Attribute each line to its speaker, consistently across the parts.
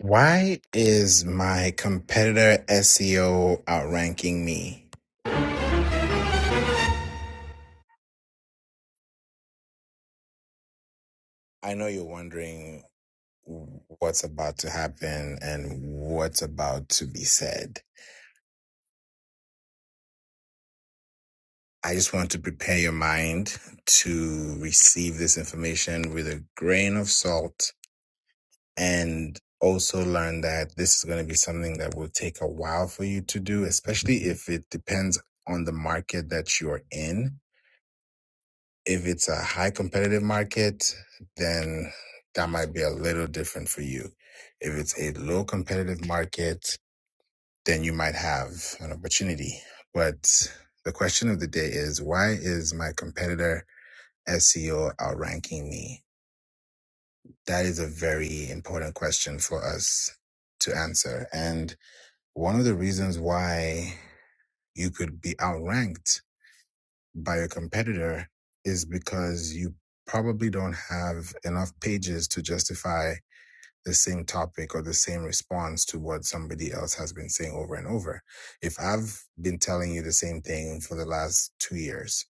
Speaker 1: Why is my competitor SEO outranking me? I know you're wondering what's about to happen and what's about to be said. I just want to prepare your mind to receive this information with a grain of salt and also learn that this is going to be something that will take a while for you to do, especially if it depends on the market that you're in If it's a high competitive market, then that might be a little different for you. If it's a low competitive market, then you might have an opportunity. But the question of the day is why is my competitor SEO outranking me? That is a very important question for us to answer. And one of the reasons why you could be outranked by a competitor is because you probably don't have enough pages to justify the same topic or the same response to what somebody else has been saying over and over. If I've been telling you the same thing for the last two years,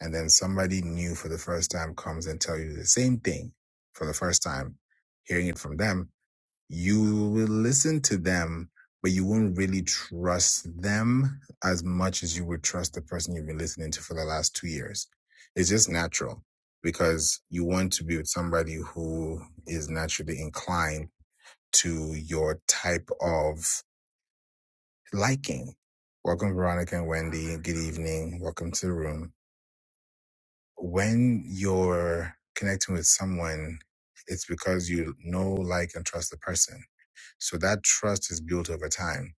Speaker 1: and then somebody new for the first time comes and tell you the same thing for the first time, hearing it from them, you will listen to them, but you won't really trust them as much as you would trust the person you've been listening to for the last two years. It's just natural because you want to be with somebody who is naturally inclined to your type of liking. Welcome, Veronica and Wendy. Good evening. Welcome to the room. When you're connecting with someone, it's because you know, like, and trust the person. So that trust is built over time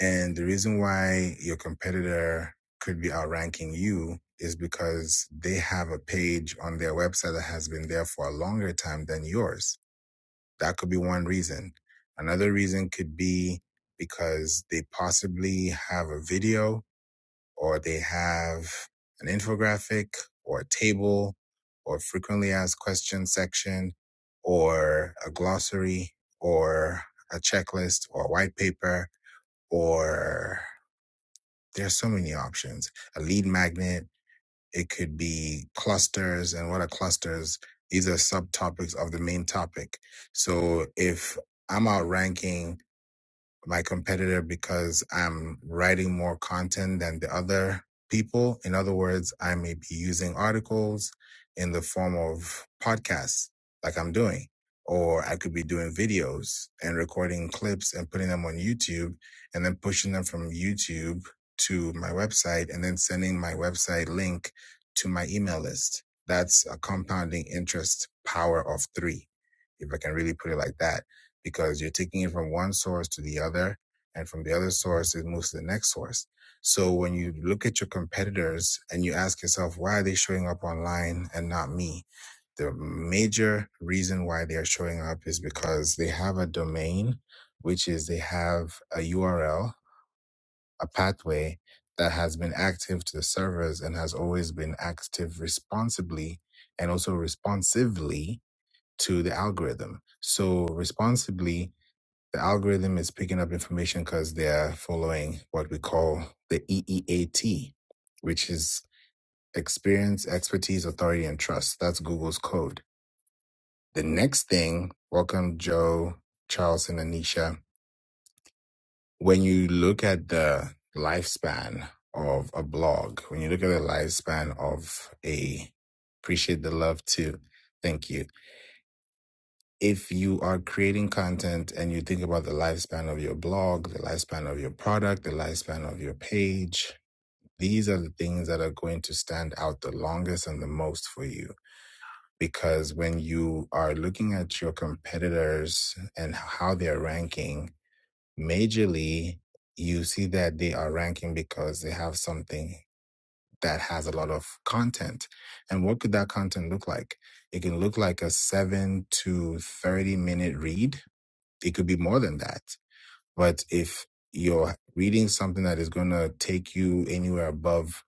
Speaker 1: And the reason why your competitor could be outranking you is because they have a page on their website that has been there for a longer time than yours. That could be one reason. Another reason could be because they possibly have a video or they have an infographic or a table or frequently asked questions section or a glossary or a checklist or a white paper or there's so many options. A lead magnet, it could be clusters. And what are clusters? These are subtopics of the main topic. So if I'm outranking my competitor because I'm writing more content than the other people. In other words, I may be using articles in the form of podcasts like I'm doing, or I could be doing videos and recording clips and putting them on YouTube and then pushing them from YouTube to my website and then sending my website link to my email list. That's a compounding interest power of three, if I can really put it like that because you're taking it from one source to the other and from the other source it moves to the next source so when you look at your competitors and you ask yourself why are they showing up online and not me the major reason why they are showing up is because they have a domain which is they have a url a pathway that has been active to the servers and has always been active responsibly and also responsively to the algorithm so responsibly the algorithm is picking up information because they are following what we call the EEAT, which is experience, expertise, authority, and trust. That's Google's code. The next thing, welcome Joe, Charles, and Anisha. When you look at the lifespan of a blog, when you look at the lifespan of a, appreciate the love too. Thank you if you are creating content and you think about the lifespan of your blog, the lifespan of your product, the lifespan of your page, these are the things that are going to stand out the longest and the most for you. Because when you are looking at your competitors and how they're ranking, majorly, you see that they are ranking because they have something that has a lot of content. And what could that content look like? It can look like a seven to 30 minute read it could be more than that. But if you're reading something that is going to take you anywhere above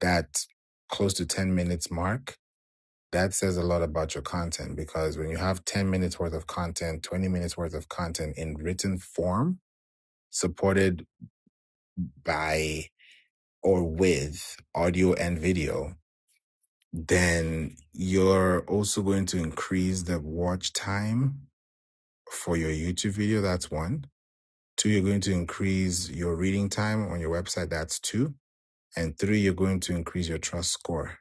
Speaker 1: that close to 10 minutes mark, that says a lot about your content because when you have 10 minutes worth of content, 20 minutes worth of content in written form, supported by or with audio and video, then you're also going to increase the watch time for your YouTube video. That's one Two, you're going to increase your reading time on your website. That's two. And three, you're going to increase your trust score.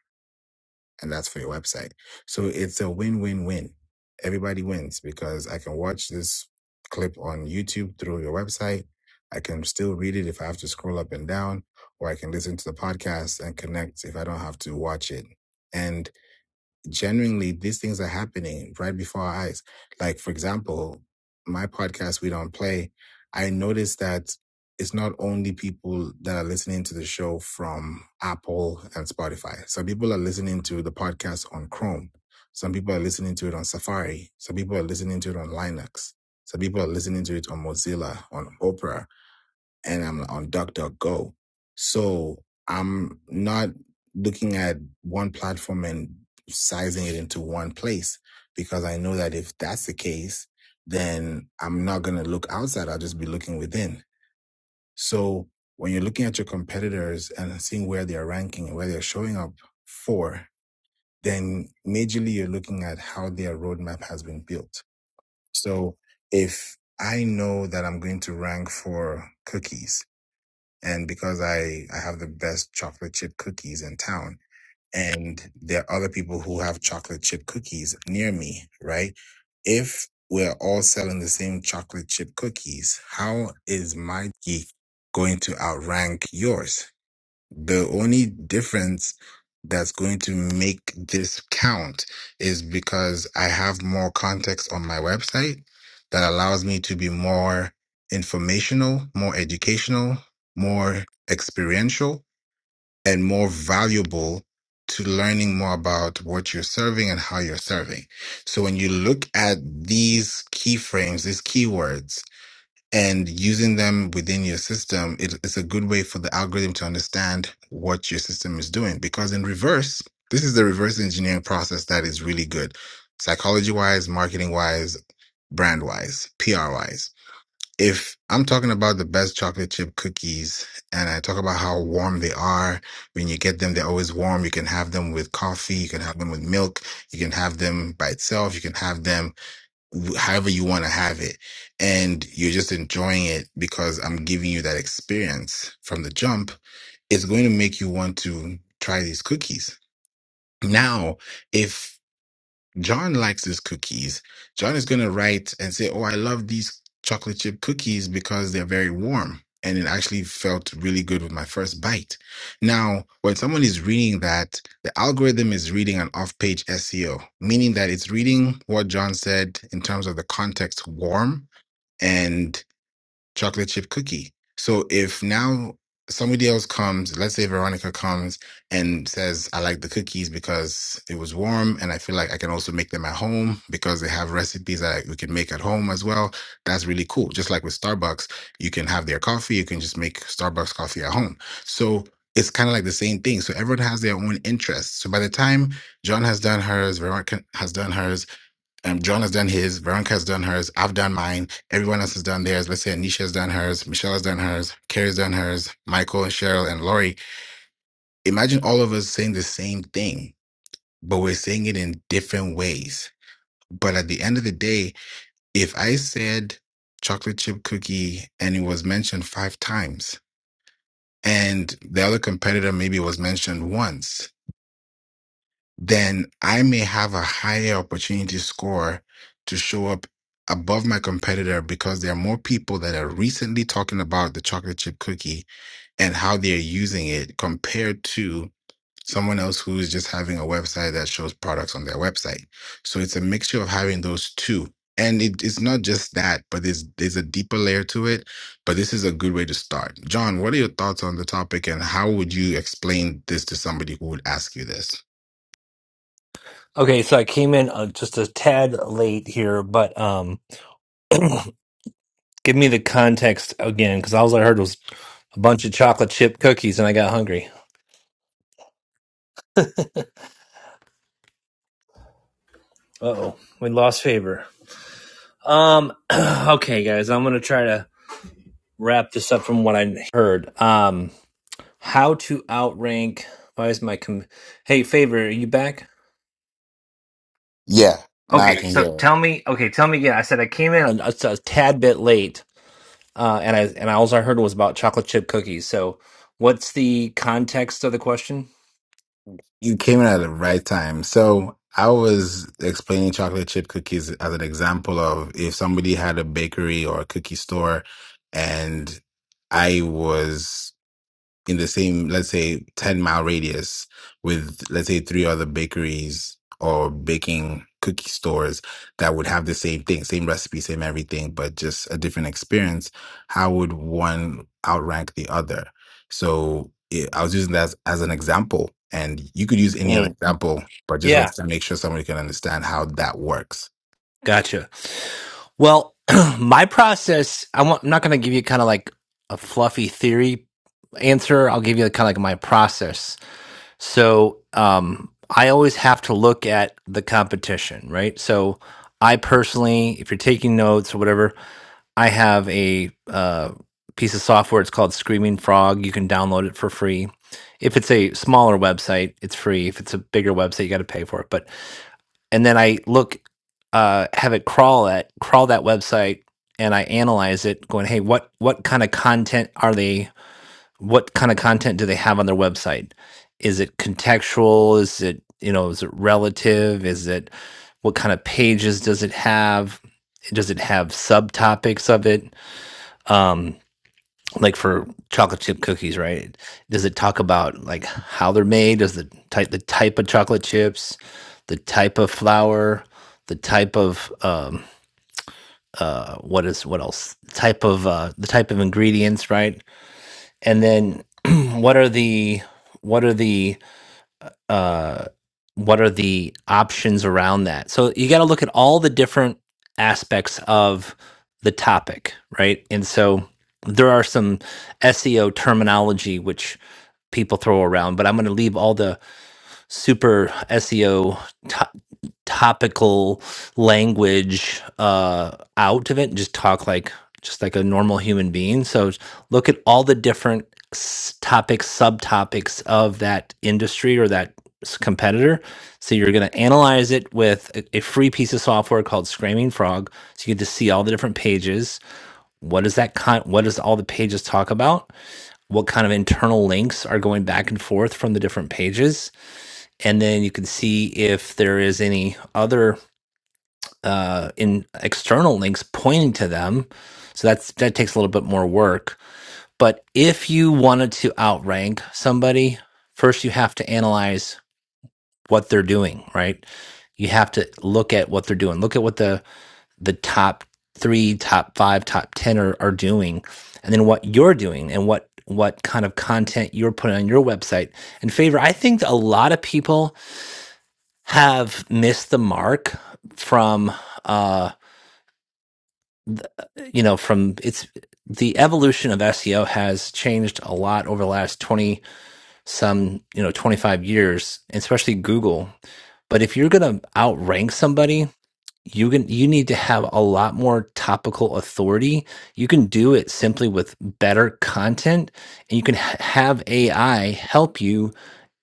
Speaker 1: And that's for your website. So it's a win, win, win. Everybody wins because I can watch this clip on YouTube through your website. I can still read it if I have to scroll up and down, or I can listen to the podcast and connect if I don't have to watch it. And genuinely these things are happening right before our eyes. Like, for example, my podcast, We Don't Play, I noticed that it's not only people that are listening to the show from Apple and Spotify. Some people are listening to the podcast on Chrome. Some people are listening to it on Safari. Some people are listening to it on Linux. Some people are listening to it on Mozilla, on Opera and I'm on DuckDuckGo. So I'm not looking at one platform and sizing it into one place because I know that if that's the case, then I'm not going to look outside. I'll just be looking within. So when you're looking at your competitors and seeing where they're ranking and where they're showing up for, then majorly you're looking at how their roadmap has been built. So if I know that I'm going to rank for cookies, and because I, I have the best chocolate chip cookies in town and there are other people who have chocolate chip cookies near me, right? If we're all selling the same chocolate chip cookies, how is my geek going to outrank yours? The only difference that's going to make this count is because I have more context on my website that allows me to be more informational, more educational, more experiential, and more valuable to learning more about what you're serving and how you're serving. So when you look at these keyframes, these keywords, and using them within your system it, it's a good way for the algorithm to understand what your system is doing because in reverse this is the reverse engineering process that is really good psychology wise marketing wise brand wise pr wise if i'm talking about the best chocolate chip cookies and i talk about how warm they are when you get them they're always warm you can have them with coffee you can have them with milk you can have them by itself you can have them wh- however you want to have it and you're just enjoying it because i'm giving you that experience from the jump it's going to make you want to try these cookies now if John likes these cookies. John is going to write and say, Oh, I love these chocolate chip cookies because they're very warm. And it actually felt really good with my first bite. Now, when someone is reading that, the algorithm is reading an off page SEO, meaning that it's reading what John said in terms of the context warm. and chocolate chip cookie. So if now somebody else comes, let's say Veronica comes and says, I like the cookies because it was warm and I feel like I can also make them at home because they have recipes that we can make at home as well. That's really cool. Just like with Starbucks, you can have their coffee, you can just make Starbucks coffee at home. So it's kind of like the same thing. So everyone has their own interests. So by the time John has done hers, Veronica has done hers, um, John has done his, Veronica has done hers, I've done mine, everyone else has done theirs. Let's say Anisha has done hers, Michelle has done hers, Carrie's done hers, Michael and Cheryl and Lori. Imagine all of us saying the same thing, but we're saying it in different ways. But at the end of the day, if I said chocolate chip cookie and it was mentioned five times, and the other competitor maybe was mentioned once, then I may have a higher opportunity score to show up above my competitor because there are more people that are recently talking about the chocolate chip cookie and how they're using it compared to someone else who is just having a website that shows products on their website. So it's a mixture of having those two. And it, it's not just that, but there's there's a deeper layer to it. But this is a good way to start. John, what are your thoughts on the topic and how would you explain this to somebody who would ask you this?
Speaker 2: Okay, so I came in uh, just a tad late here, but um, give me the context again, because all I heard was a bunch of chocolate chip cookies, and I got hungry. Uh-oh, we lost favor. Um, okay, guys, I'm gonna try to wrap this up from what I Heard um, how to outrank. Why is my com- hey favor? Are you back?
Speaker 1: Yeah, now I
Speaker 2: Okay,
Speaker 1: can
Speaker 2: so
Speaker 1: hear. it.
Speaker 2: tell me. Okay, tell me again. I said I came in a, a, a tad bit late. Uh, and I and I, also heard was about chocolate chip cookies. So, what's the context of the question?
Speaker 1: You came in at the right time. So I was explaining chocolate chip cookies as an example of if somebody had a bakery or a cookie store and I was. in the same, let's say, 10 mile radius with, let's say, three other bakeries or baking cookie stores that would have the same thing, same recipe, same everything, but just a different experience, how would one outrank the other? So it, I was using that as, as an example, and you could use any other
Speaker 2: Mm.
Speaker 1: example, but just
Speaker 2: Yeah,
Speaker 1: wanted to make sure somebody can understand how that works.
Speaker 2: gotcha. Well, my process. I want, I'm not going to give you kind of like a fluffy theory answer. I'll give you kind of like my process. So um, I always have to look at the competition, right? So I personally, if you're taking notes or whatever, I have a uh, piece of software. It's called Screaming Frog. You can download it for free. If it's a smaller website, it's free. If it's a bigger website, you got to pay for it. But and then I look, uh, have it crawl at crawl that website, and I analyze it, going, hey, what what kind of content are they what kind of content do they have on their website? Is it contextual? Is it, you know, is it relative? Is it what kind of pages does it have? Does it have subtopics of it? Um, like for chocolate chip cookies, right? Does it talk about like how they're made? Does the type the type of chocolate chips, the type of flour, the type of um, uh, what is what else? Type of uh, the type of ingredients, right? and then what are the what are the uh what are the options around that so you got to look at all the different aspects of the topic right and so there are some seo terminology which people throw around but i'm going to leave all the super seo topical language uh, out of it and just talk like just like a normal human being. So look at all the different s- topics, subtopics of that industry or that s- competitor. So you're going to analyze it with a, a free piece of software called Screaming Frog. So you get to see all the different pages. What does that con- What does all the pages talk about? What kind of internal links are going back and forth from the different pages? And then you can see if there is any other uh, in external links pointing to them. So that's that takes a little bit more work. But if you wanted to outrank somebody, first you have to analyze what they're doing, right? You have to look at what they're doing. Look at what the the top three, top five, top ten are, are doing, and then what you're doing and what what kind of content you're putting on your website And favor. I think a lot of people have missed the mark from uh. you know, from it's the evolution of SEO has changed a lot over the last 20 some, you know, 25 years, especially Google. But if you're going to outrank somebody, you can you need to have a lot more topical authority you can do it simply with better content and you can h- have ai help you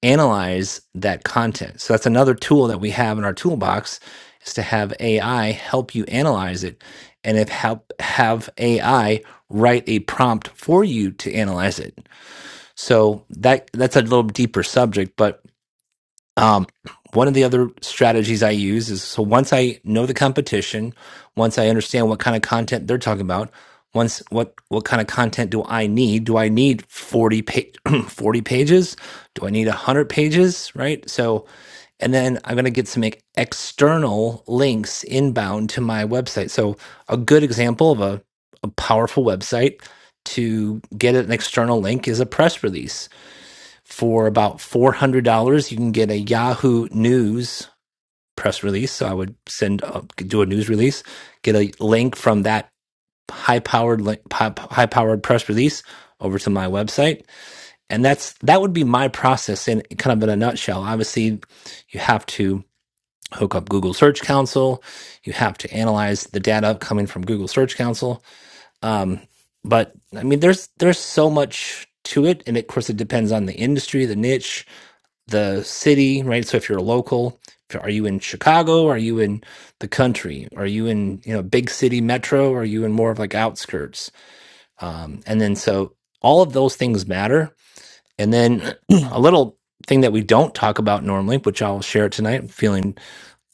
Speaker 2: analyze that content so that's another tool that we have in our toolbox is to have ai help you analyze it and if help have ai write a prompt for you to analyze it so that that's a little deeper subject but um, one of the other strategies I use is so once I know the competition, once I understand what kind of content they're talking about, once what what kind of content do I need? Do I need 40 pa- 40 pages? Do I need 100 pages, right? So and then I'm going to get some like, external links inbound to my website. So a good example of a a powerful website to get an external link is a press release for about $400 you can get a yahoo news press release so i would send uh, do a news release get a link from that high powered high powered press release over to my website and that's that would be my process in kind of in a nutshell obviously you have to hook up google search console you have to analyze the data coming from google search console um, but i mean there's there's so much to it and of course it depends on the industry the niche the city, right? So if you're local, if- are you in Chicago? Are you in the country? Are you in you know big city metro? Are you in more of like outskirts? Um, and then so all of those things matter. And then a little thing that we don't talk about normally, which I'll share tonight. I'm feeling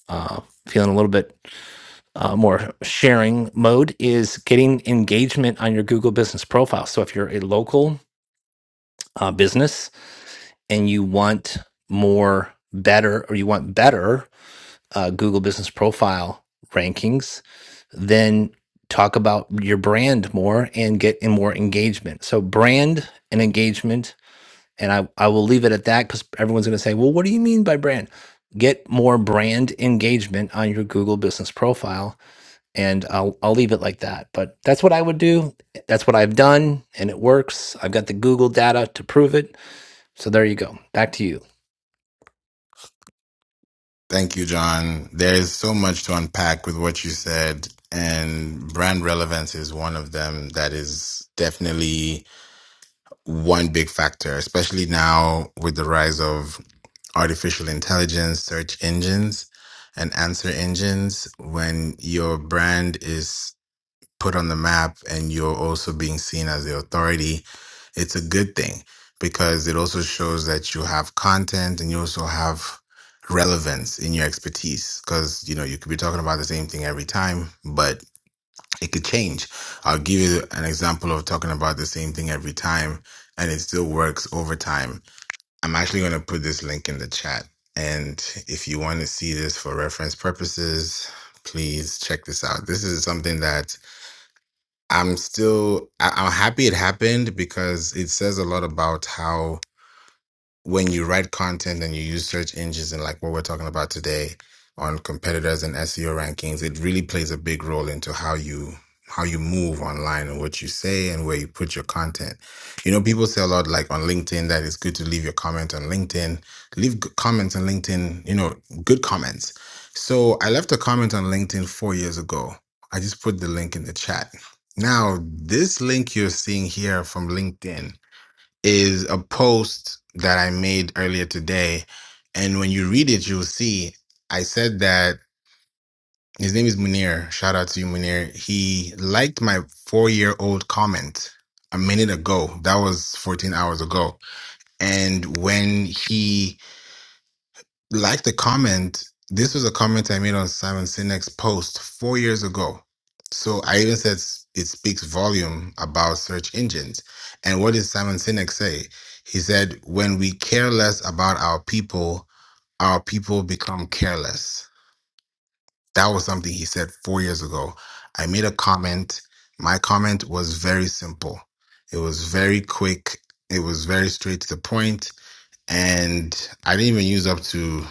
Speaker 2: uh, feeling a little bit uh, more sharing mode is getting engagement on your Google Business profile. So if you're a local uh, business and you want more better or you want better uh, Google Business Profile rankings, then talk about your brand more and get in more engagement. So brand and engagement, and I, I will leave it at that because everyone's going to say, well, what do you mean by brand? Get more brand engagement on your Google Business Profile, and I'll I'll leave it like that. But that's what I would do. That's what I've done, and it works. I've got the Google data to prove it. So there you go. Back to you.
Speaker 1: Thank you, John. There is so much to unpack with what you said, and brand relevance is one of them that is definitely one big factor, especially now with the rise of artificial intelligence, search engines, and answer engines. When your brand is put on the map and you're also being seen as the authority, it's a good thing because it also shows that you have content and you also have relevance in your expertise because you know you could be talking about the same thing every time but it could change i'll give you an example of talking about the same thing every time and it still works over time i'm actually going to put this link in the chat and if you want to see this for reference purposes please check this out this is something that I'm still I, I'm happy it happened because it says a lot about how when you write content and you use search engines and like what we're talking about today on competitors and SEO rankings, it really plays a big role into how you how you move online and what you say and where you put your content. You know, people say a lot like on LinkedIn that it's good to leave your comment on LinkedIn. Leave good comments on LinkedIn, you know, good comments. So I left a comment on LinkedIn four years ago. I just put the link in the chat. Now, this link you're seeing here from LinkedIn is a post that I made earlier today. And when you read it, you'll see I said that his name is Munir. Shout out to you, Munir. He liked my four year old comment a minute ago. That was 14 hours ago. And when he like the comment, this was a comment I made on Simon Sinek's post four years ago. So I even said s- it speaks volume about search engines. And what did Simon Sinek say? He said, when we care less about our people, our people become careless. That was something he said four years ago. I made a comment. My comment was very simple. It was very quick. It was very straight to the point and I didn't even use up to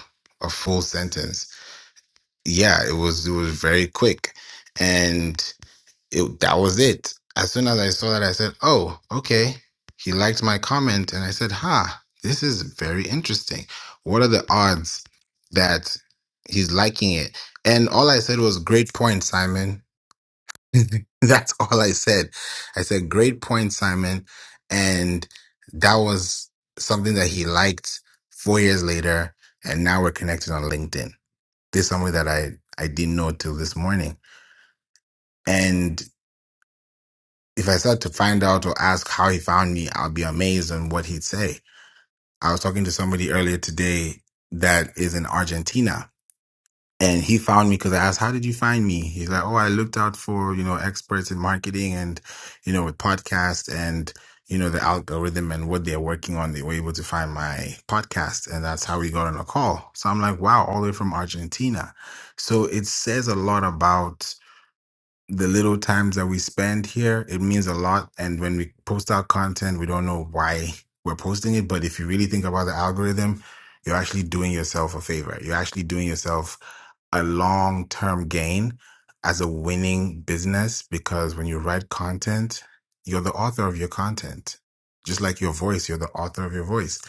Speaker 1: a full sentence. Yeah, it was it was very quick, and it that was it. As soon as I saw that, I said, "Oh, okay." He liked my comment, and I said, "Ha, this is very interesting. What are the odds that he's liking it?" And all I said was, "Great point, Simon. That's all I said. I said, great point, Simon. And that was something that he liked four years later. And now we're connected on LinkedIn. This is something that I, I didn't know till this morning. And if I start to find out or ask how he found me, I'll be amazed on what he'd say. I was talking to somebody earlier today that is in Argentina and he found me because I asked, "How did you find me?" He's like, "Oh, I looked out for you know experts in marketing and you know with podcasts and you know the algorithm and what they're working on. They were able to find my podcast, and that's how we got on a call." So I'm like, "Wow, all the way from Argentina." So it says a lot about the little times that we spend here, it means a lot. And when we post our content, we don't know why we're posting it. But if you really think about the algorithm, you're actually doing yourself a favor. You're actually doing yourself a long term gain as a winning business because when you write content, you're the author of your content. Just like your voice, you're the author of your voice.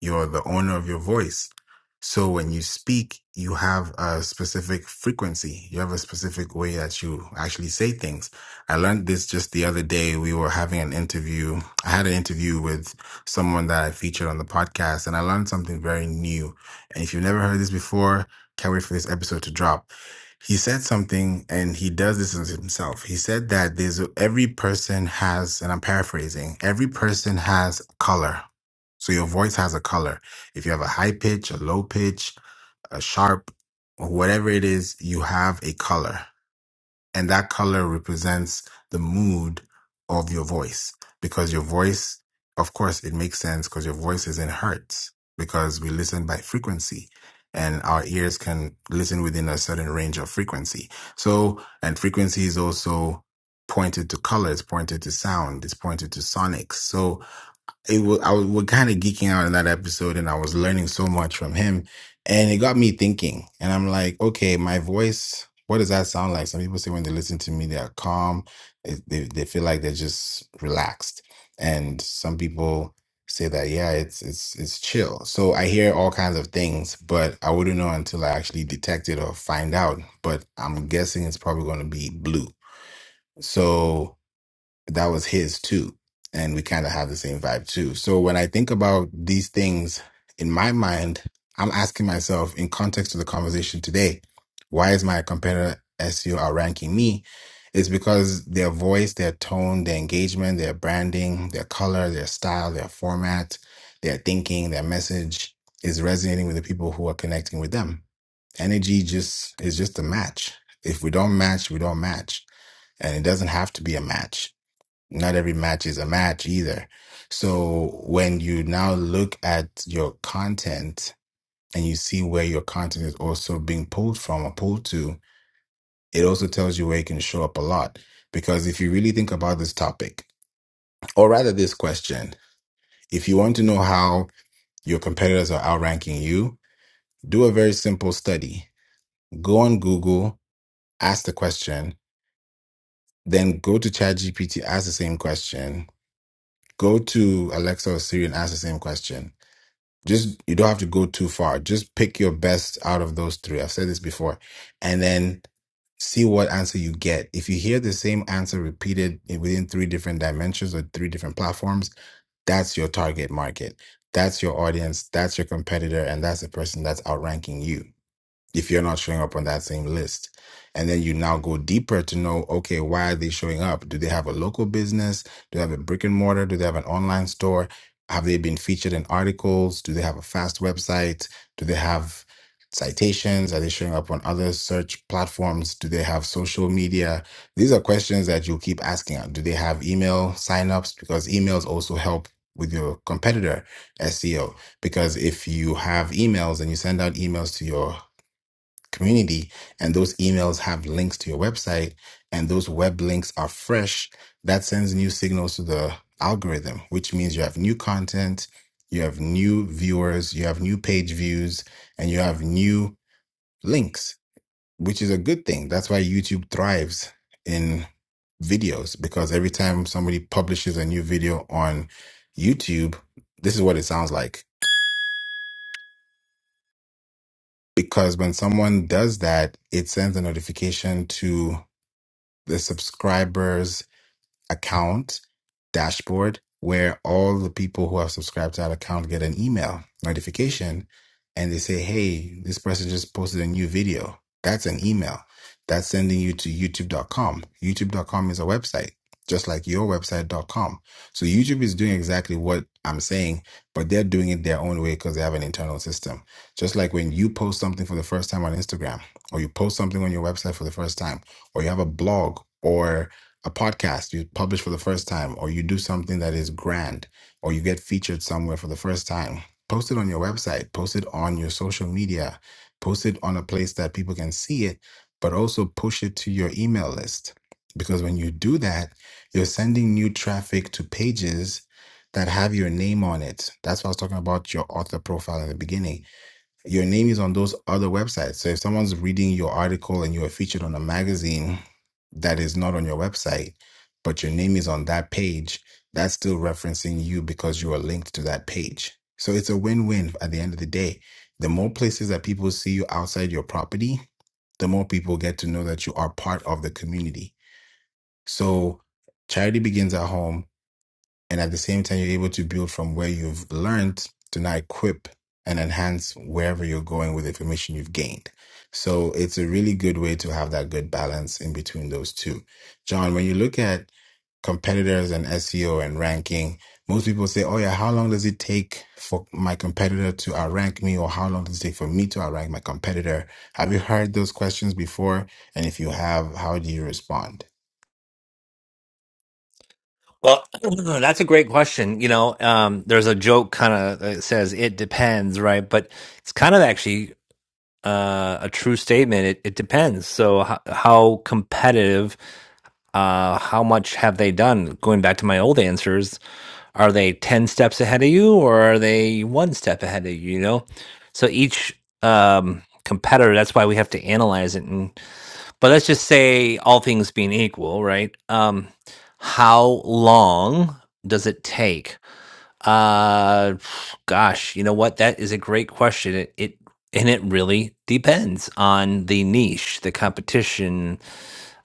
Speaker 1: You're the owner of your voice so when you speak, you have a specific frequency. You have a specific way that you actually say things. I learned this just the other day. We were having an interview. I had an interview with someone that I featured on the podcast and I learned something very new. And if you've never heard this before, can't wait for this episode to drop. He said something and he does this to himself. He said that there's every person has, and I'm paraphrasing, every person has color. So your voice has a color if you have a high pitch, a low pitch, a sharp, or whatever it is, you have a color. And that color represents the mood of your voice. Because your voice, of course, it makes sense because your voice is in hertz because we listen by frequency and our ears can listen within a certain range of frequency. So, and frequency is also pointed to color, it's pointed to sound, it's pointed to sonics. So, it was, I was we're kind of geeking out in that episode, and I was learning so much from him, and it got me thinking. And I'm like, okay, my voice. What does that sound like? Some people say when they listen to me, they're calm. They, they, they feel like they're just relaxed, and some people say that yeah, it's it's it's chill. So I hear all kinds of things, but I wouldn't know until I actually detect it or find out. But I'm guessing it's probably going to be blue. So that was his too. And we kind of have the same vibe too. So when I think about these things in my mind, I'm asking myself in context of the conversation today, why is my competitor SEO outranking me? It's because their voice, their tone, their engagement, their branding, their color, their style, their format, their thinking, their message is resonating with the people who are connecting with them. Energy just is just a match. If we don't match, we don't match. And it doesn't have to be a match not every match is a match either. So when you now look at your content and you see where your content is also being pulled from or pulled to, it also tells you where it can show up a lot. Because if you really think about this topic, or rather this question, if you want to know how your competitors are outranking you, do a very simple study. Go on Google, ask the question, then go to ChatGPT, ask the same question, go to Alexa or Siri and ask the same question Just you don't have to go too far. Just pick your best out of those three. I've said this before. And then see what answer you get. If you hear the same answer repeated in- within three different dimensions or three different platforms, that's your target market. That's your audience. That's your competitor. And that's the person that's outranking you if you're not showing up on that same list. And then you now go deeper to know, okay, why are they showing up? Do they have a local business? Do they have a brick and mortar? Do they have an online store? Have they been featured in articles? Do they have a fast website? Do they have citations? Are they showing up on other search platforms? Do they have social media? These are questions that you'll keep asking. Do they have email signups? Because emails also help with your competitor SEO because if you have emails and you send out emails to your community and those emails have links to your website and those web links are fresh that sends new signals to the algorithm which means you have new content you have new viewers you have new page views and you have new links which is a good thing that's why youtube thrives in videos because every time somebody publishes a new video on youtube this is what it sounds like because when someone does that it sends a notification to the subscribers account dashboard where all the people who are subscribed to that account get an email notification and they say, Hey, this person just posted a new video. That's an email. That's sending you to youtube.com. YouTube.com is a website, just like your website.com. So YouTube is doing exactly what I'm saying, but they're doing it their own way because they have an internal system. Just like when you post something for the first time on Instagram, or you post something on your website for the first time, or you have a blog, or a podcast you publish for the first time, or you do something that is grand, or you get featured somewhere for the first time, post it on your website, post it on your social media, post it on a place that people can see it, but also push it to your email list. Because when you do that, you're sending new traffic to pages that have your name on it. That's what I was talking about your author profile in the beginning your name is on those other websites. So if someone's reading your article and you are featured on a magazine that is not on your website, but your name is on that page, that's still referencing you because you are linked to that page. So it's a win win at the end of the day. The more places that people see you outside your property, the more people get to know that you are part of the community. So charity begins at home and at the same time, you're able to build from where you've learned to now equip and enhance wherever you're going with the information you've gained. So it's a really good way to have that good balance in between those two. John, when you look at competitors and SEO and ranking, most people say, Oh, yeah, how long does it take for my competitor to outrank me? Or how long does it take for me to outrank my competitor? Have you heard those questions before? And if you have, how do you respond?
Speaker 2: Well, that's a great question. You know, um, there's a joke kind of that says it depends, right? But it's kind of actually uh, a true statement. It, it depends. So, how, how competitive, uh, how much have they done? Going back to my old answers, are they 10 steps ahead of you or are they one step ahead of you? You know, so each um, competitor, that's why we have to analyze it and but let's just say all things being equal right um how long does it take uh gosh you know what that is a great question it, it and it really depends on the niche the competition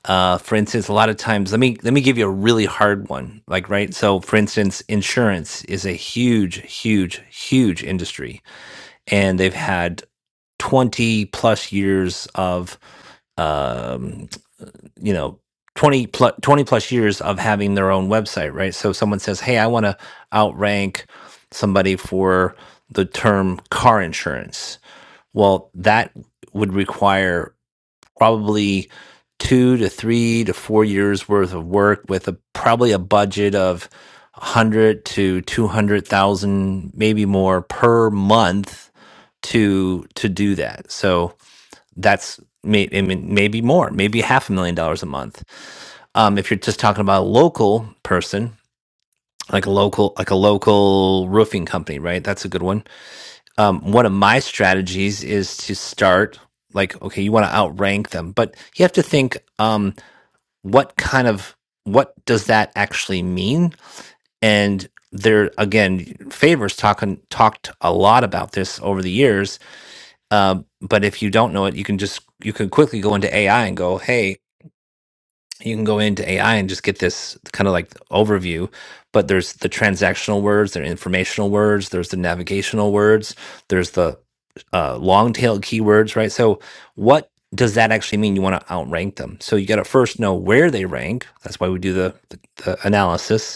Speaker 2: uh for instance a lot of times let me let me give you a really hard one like right so for instance insurance is a huge huge huge industry and they've had 20 plus years of um, you know 20 plus 20 plus years of having their own website right so someone says hey i want to outrank somebody for the term car insurance well that would require probably two to three to four years worth of work with a probably a budget of 100 to 200,000 maybe more per month to to do that. So that's may, I mean, maybe more, maybe half a million dollars a month. Um, if you're just talking about a local person, like a local, like a local roofing company, right? That's a good one. Um, one of my strategies is to start like, okay, you want to outrank them, but you have to think, um, what kind of, what does that actually mean? And there again, Favors talking talked a lot about this over the years um, but if you don't know it, you can just you can quickly go into AI and go, hey, you can go into AI and just get this kind of like overview. But there's the transactional words, there are informational words, there's the navigational words, there's the uh, long tail keywords, right? So what does that actually mean? You want to outrank them. So you got to first know where they rank. That's why we do the, the, the analysis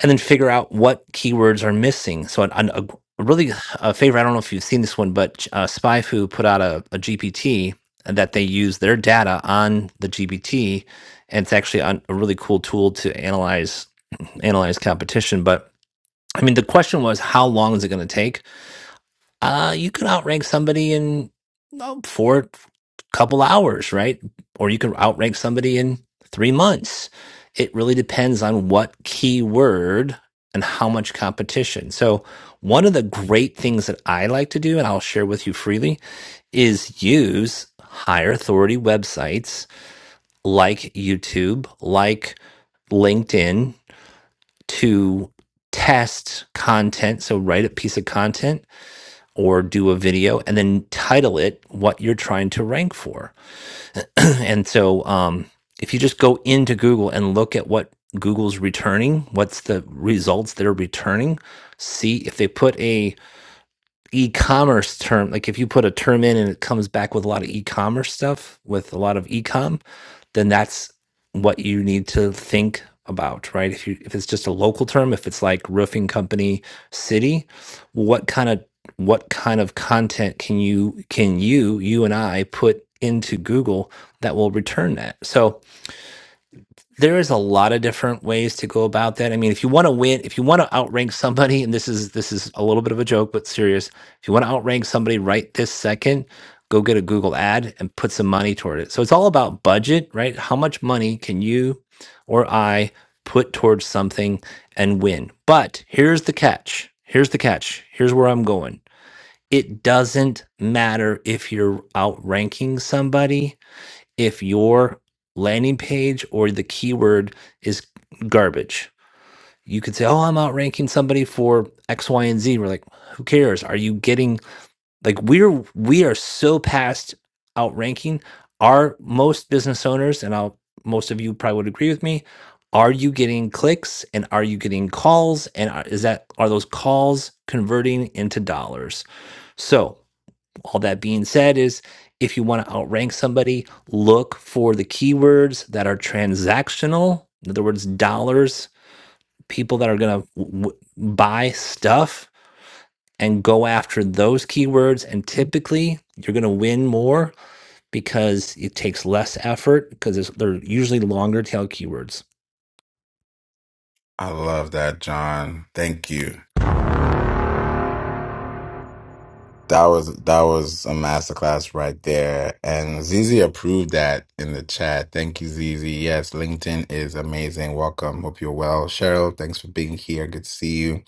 Speaker 2: and then figure out what keywords are missing. So, an, an- a g- a really a favorite, I don't know if you've seen this one, but uh, SpyFu put out a, GPT that they use their data on the GPT, and it's actually a really cool tool to analyze analyze competition. But I mean, the question was, how long is it going to take? uh, you can outrank somebody in oh, four couple hours, right? Or you can outrank somebody in three months. It really depends on what keyword and how much competition. So one of the great things that I like to do, and I'll share with you freely, is use higher authority websites like YouTube, like LinkedIn to test content. So write a piece of content or do a video and then title it what you're trying to rank for. And so um, if you just go into Google and look at what Google's returning, what's the results they're returning, see if they put a e-commerce term like if you put a term in and it comes back with a lot of e-commerce stuff with a lot of e-com then that's what you need to think about right if you if it's just a local term if it's like roofing company city what kind of what kind of content can you can you you and i put into google that will return that so there is a lot of different ways to go about that. I mean, if you want to win, if you want to outrank somebody, and this is this is a little bit of a joke, but serious. If you want to outrank somebody right this second, go get a Google ad and put some money toward it. So it's all about budget, right? How much money can you or I put towards something and win? But here's the catch. Here's the catch. Here's where I'm going. It doesn't matter if you're outranking somebody if your landing page or the keyword is garbage. You could say, "Oh, I'm outranking somebody for X, Y, and Z." We're like, "Who cares? Are you getting like we're we are so past outranking Are most business owners and I'll most of you probably would agree with me. Are you getting clicks and are you getting calls and are, is that are those calls converting into dollars? So, all that being said is if you want to outrank somebody, look for the keywords that are transactional, in other words, dollars, people that are going to w- buy stuff and go after those keywords and typically you're going to win more because it takes less effort because it's, they're usually longer tail keywords.
Speaker 1: I love that, John. Thank you. That was that was a masterclass right there. And Zizi approved that in the chat. Thank you, Zizi. Yes, LinkedIn is amazing. Welcome. Hope you're well. Cheryl, thanks for being here. Good to see you.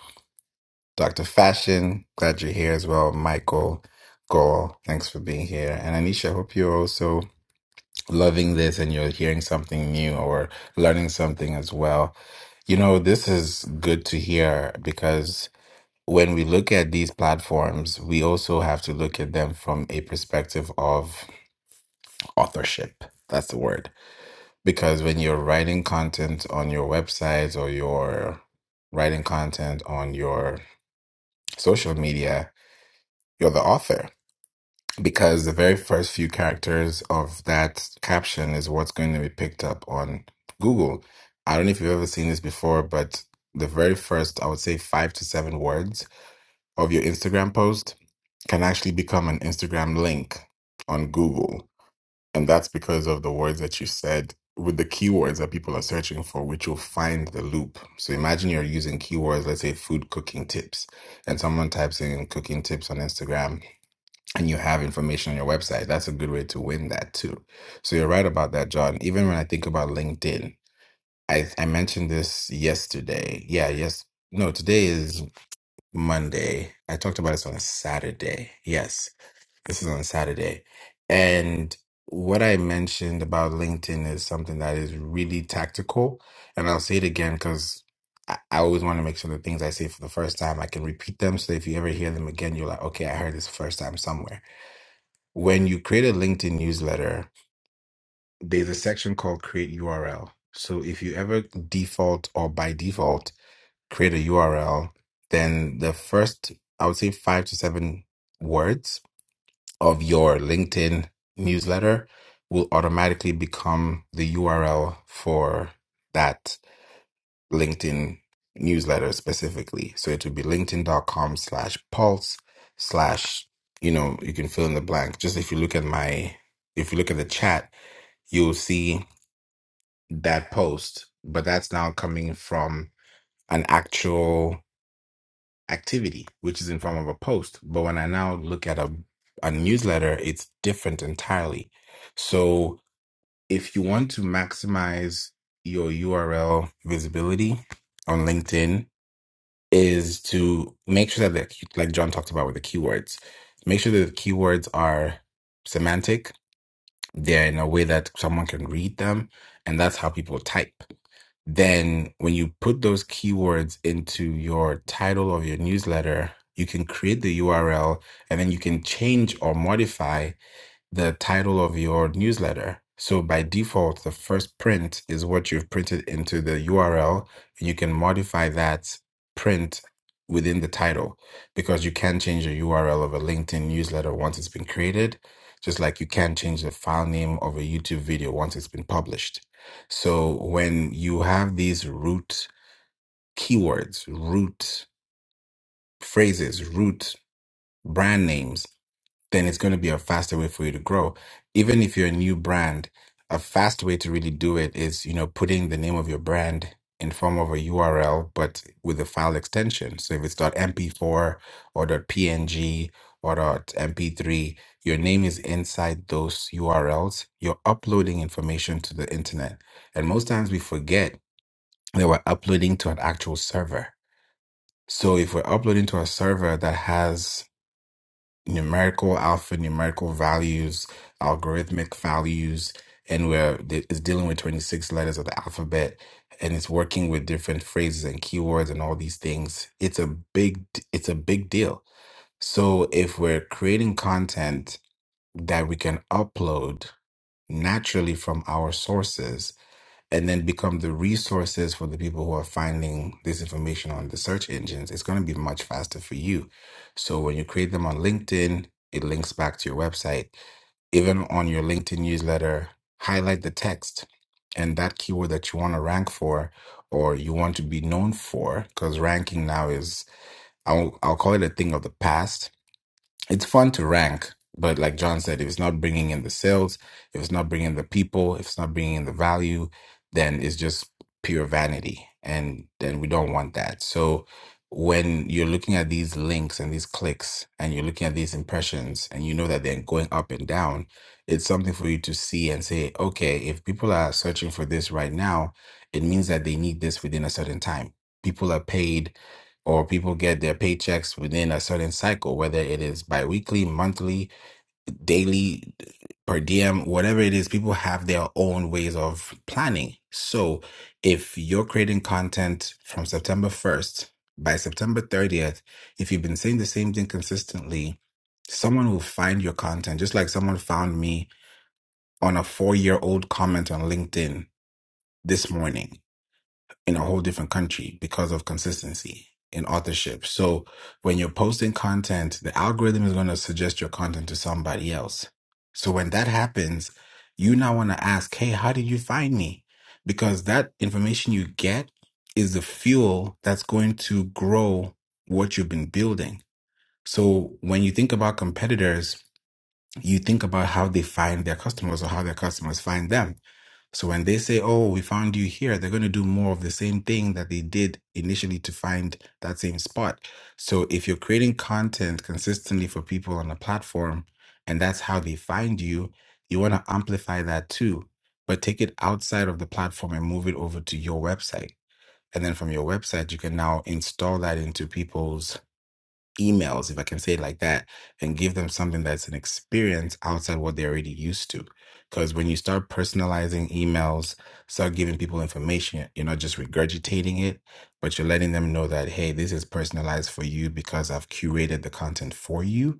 Speaker 1: Dr. Fashion, glad you're here as well. Michael Goal, thanks for being here. And Anisha, hope you're also loving this and you're hearing something new or learning something as well. You know, this is good to hear because when we look at these platforms, we also have to look at them from a perspective of authorship. That's the word. Because when you're writing content on your websites or you're writing content on your social media, you're the author. Because the very first few characters of that caption is what's going to be picked up on Google. I don't know if you've ever seen this before, but the very first, I would say five to seven words of your Instagram post can actually become an Instagram link on Google. And that's because of the words that you said with the keywords that people are searching for, which will find the loop. So imagine you're using keywords, let's say food cooking tips, and someone types in cooking tips on Instagram and you have information on your website. That's a good way to win that too. So you're right about that, John. Even when I think about LinkedIn, I, I mentioned this yesterday. Yeah, yes. No, today is Monday. I talked about this on a Saturday. Yes this is on Saturday. And what I mentioned about LinkedIn is something that is really tactical. And I'll say it again because I, I always want to make sure the things I say for the first time, I can repeat them. So if you ever hear them again, you're like, okay, I heard this first time somewhere. When you create a LinkedIn newsletter, there's a section called create URL. So if you ever default or by default create a URL, then the first, I would say five to seven words of your LinkedIn newsletter will automatically become the URL for that LinkedIn newsletter specifically. So it would be linkedin.com slash pulse slash, you know, you can fill in the blank. Just if you look at my, if you look at the chat, you'll see that post, but that's now coming from an actual activity, which is in form of a post. But when I now look at a, a newsletter, it's different entirely. So if you want to maximize your URL visibility on LinkedIn is to make sure that the, like John talked about with the keywords, make sure that the keywords are semantic. They're in a way that someone can read them. And that's how people type then when you put those keywords into your title of your newsletter, you can create the URL and then you can change or modify the title of your newsletter. So by default, the first print is what you've printed into the URL. You can modify that print within the title because you can change the URL of a LinkedIn newsletter once it's been created, just like you can change the file name of a YouTube video once it's been published. So when you have these root keywords, root phrases, root brand names, then it's going to be a faster way for you to grow. Even if you're a new brand, a fast way to really do it is, you know, putting the name of your brand in form of a URL, but with a file extension. So if it's .mp4 or .png or .mp3, your name is inside those URLs. You're uploading information to the internet. And most times we forget that we're uploading to an actual server. So if we're uploading to a server that has numerical alphanumerical values, algorithmic values, and where th- it's dealing with 26 letters of the alphabet and it's working with different phrases and keywords and all these things. It's a big d- it's a big deal. So if we're creating content that we can upload naturally from our sources and then become the resources for the people who are finding this information on the search engines, it's going to be much faster for you. So when you create them on LinkedIn, it links back to your website. Even on your LinkedIn newsletter, highlight the text and that keyword that you want to rank for or you want to be known for, because ranking now is, I'll, I'll call it a thing of the past it's fun to rank, but like John said, if it's not bringing in the sales, if it's not bringing the people, if it's not bringing in the value, then it's just pure vanity. And then we don't want that. So when you're looking at these links and these clicks and you're looking at these impressions and you know that they're going up and down, it's something for you to see and say, okay, if people are searching for this right now, it means that they need this within a certain time. People are paid or people get their paychecks within a certain cycle, whether it is biweekly, monthly, daily, per diem, whatever it is, people have their own ways of planning. So if you're creating content from September 1st, by September 30th, if you've been saying the same thing consistently, someone will find your content, just like someone found me on a four year old comment on LinkedIn this morning in a whole different country because of consistency in authorship. So when you're posting content, the algorithm is going to suggest your content to somebody else. So when that happens, you now want to ask, hey, how did you find me? Because that information you get is the fuel that's going to grow what you've been building. So when you think about competitors, you think about how they find their customers or how their customers find them. So when they say, "Oh, we found you here," they're going to do more of the same thing that they did initially to find that same spot. So if you're creating content consistently for people on a platform and that's how they find you, you want to amplify that too, but take it outside of the platform and move it over to your website. And then from your website, you can now install that into people's emails, if I can say it like that, and give them something that's an experience outside what they're already used to. Because when you start personalizing emails, start giving people information, you're not just regurgitating it, but you're letting them know that, hey, this is personalized for you because I've curated the content for you.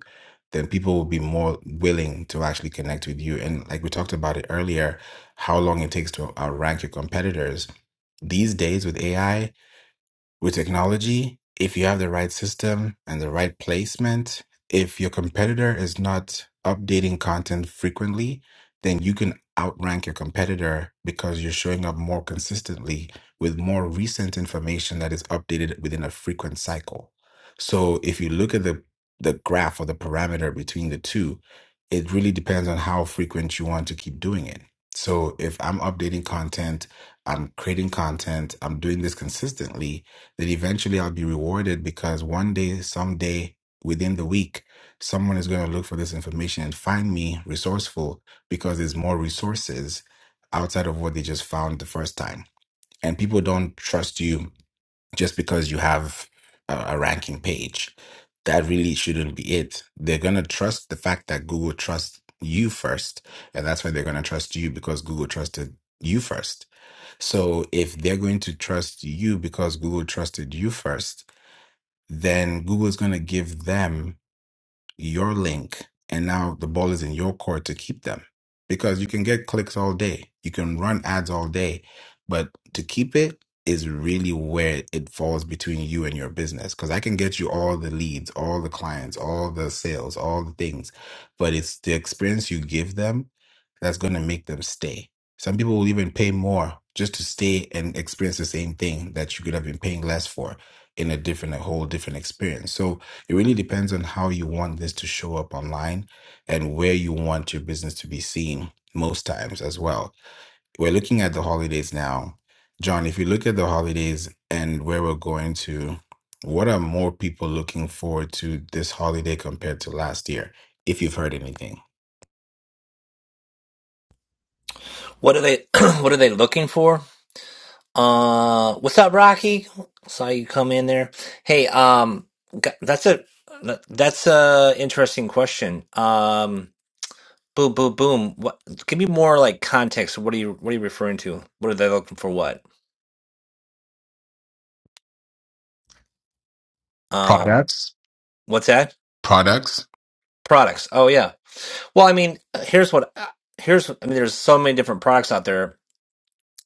Speaker 1: Then people will be more willing to actually connect with you. And like we talked about it earlier, how long it takes to outrank your competitors. These days with AI, with technology, if you have the right system and the right placement, if your competitor is not updating content frequently, then you can outrank your competitor because you're showing up more consistently with more recent information that is updated within a frequent cycle. So if you look at the the graph or the parameter between the two, it really depends on how frequent you want to keep doing it. So if I'm updating content, I'm creating content, I'm doing this consistently, that eventually I'll be rewarded because one day, someday within the week, someone is going to look for this information and find me resourceful because there's more resources outside of what they just found the first time. And people don't trust you just because you have a, a ranking page. That really shouldn't be it. They're going to trust the fact that Google trusts you first. And that's why they're going to trust you because Google trusted you first. So if they're going to trust you because Google trusted you first, then Google's going to give them your link, and now the ball is in your court to keep them. Because you can get clicks all day, you can run ads all day, but to keep it is really where it falls between you and your business. Because I can get you all the leads, all the clients, all the sales, all the things, but it's the experience you give them that's going to make them stay. Some people will even pay more just to stay and experience the same thing that you could have been paying less for in a different, a whole different experience. So it really depends on how you want this to show up online and where you want your business to be seen most times as well. We're looking at the holidays now. John, if you look at the holidays and where we're going to, what are more people looking forward to this holiday compared to last year, if you've heard anything?
Speaker 2: What are they what are they looking for? Uh, what's up, Rocky? Saw you come in there. Hey, um, g- that's a that's a interesting question. Um, boom, boom, boom. What? Give me more like context. What are you What are you referring to? What are they looking for? What? Uh,
Speaker 1: Products.
Speaker 2: what's that?
Speaker 1: Products?
Speaker 2: Products. Oh yeah. Well, I mean, here's what. uh, Here's I mean, there's so many different products out there.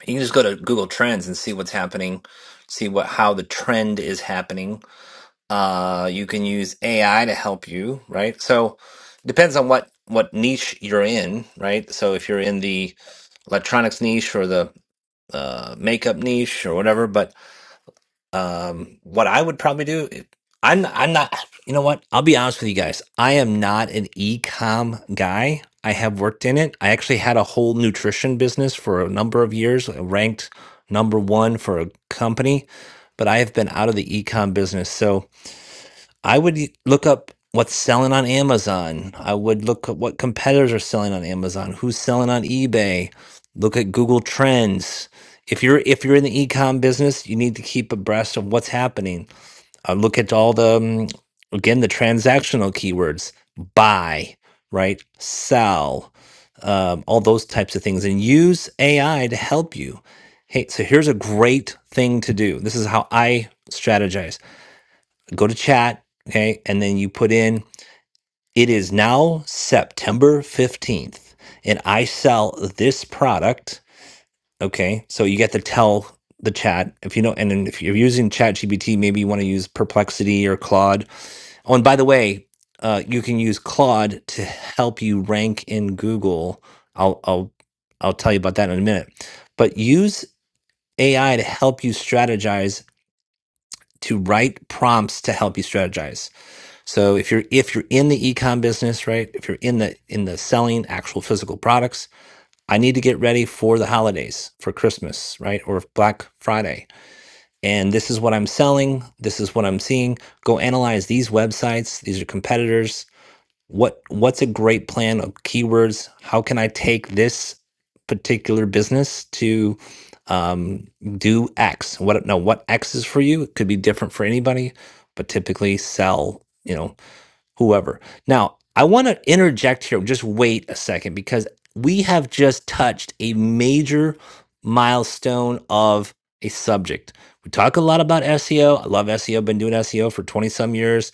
Speaker 2: You can just go to Google Trends and see what's happening, see what how the trend is happening Uh, you can use AI to help you, right? So depends on what what niche you're in, right? So if you're in the electronics niche or the uh, makeup niche or whatever, but um, what I would probably do, I'm I'm not, you know what? I'll be honest with you guys. I am not an e-com guy. I have worked in it. I actually had a whole nutrition business for a number of years, uh, ranked number one for a company, but I have been out of the e-com business. So I would y- look up what's selling on Amazon. I would look at what competitors are selling on Amazon, who's selling on eBay. Look at Google Trends. If you're if you're in the e-com business, you need to keep abreast of what's happening. Uh, look at all the um, again the transactional keywords: buy, right, sell, um, all those types of things, and use AI to help you. Hey, so here's a great thing to do. This is how I strategize go to chat, okay, and then you put in it is now September 15th and I sell this product, okay? So you get to tell the chat if you know and then if you're using ChatGPT, maybe you want to use Perplexity or Claude. Oh, and by the way, uh, you can use Claude to help you rank in Google. I'll I'll I'll tell you about that in a minute. But use AI to help you strategize to write prompts to help you strategize. So if you're if you're in the ecom business, right? If you're in the in the selling actual physical products, I need to get ready for the holidays, for Christmas, right? Or Black Friday. And this is what I'm selling, this is what I'm seeing. Go analyze these websites, these are competitors. What what's a great plan of keywords? How can I take this particular business to um, do X? What no, what X is for you? It could be different for anybody, but typically sell, you know, whoever. Now, I want to interject here. Just wait a second because we have just touched a major milestone of a subject. We talk a lot about SEO. I love SEO. Been doing SEO for 20 some years.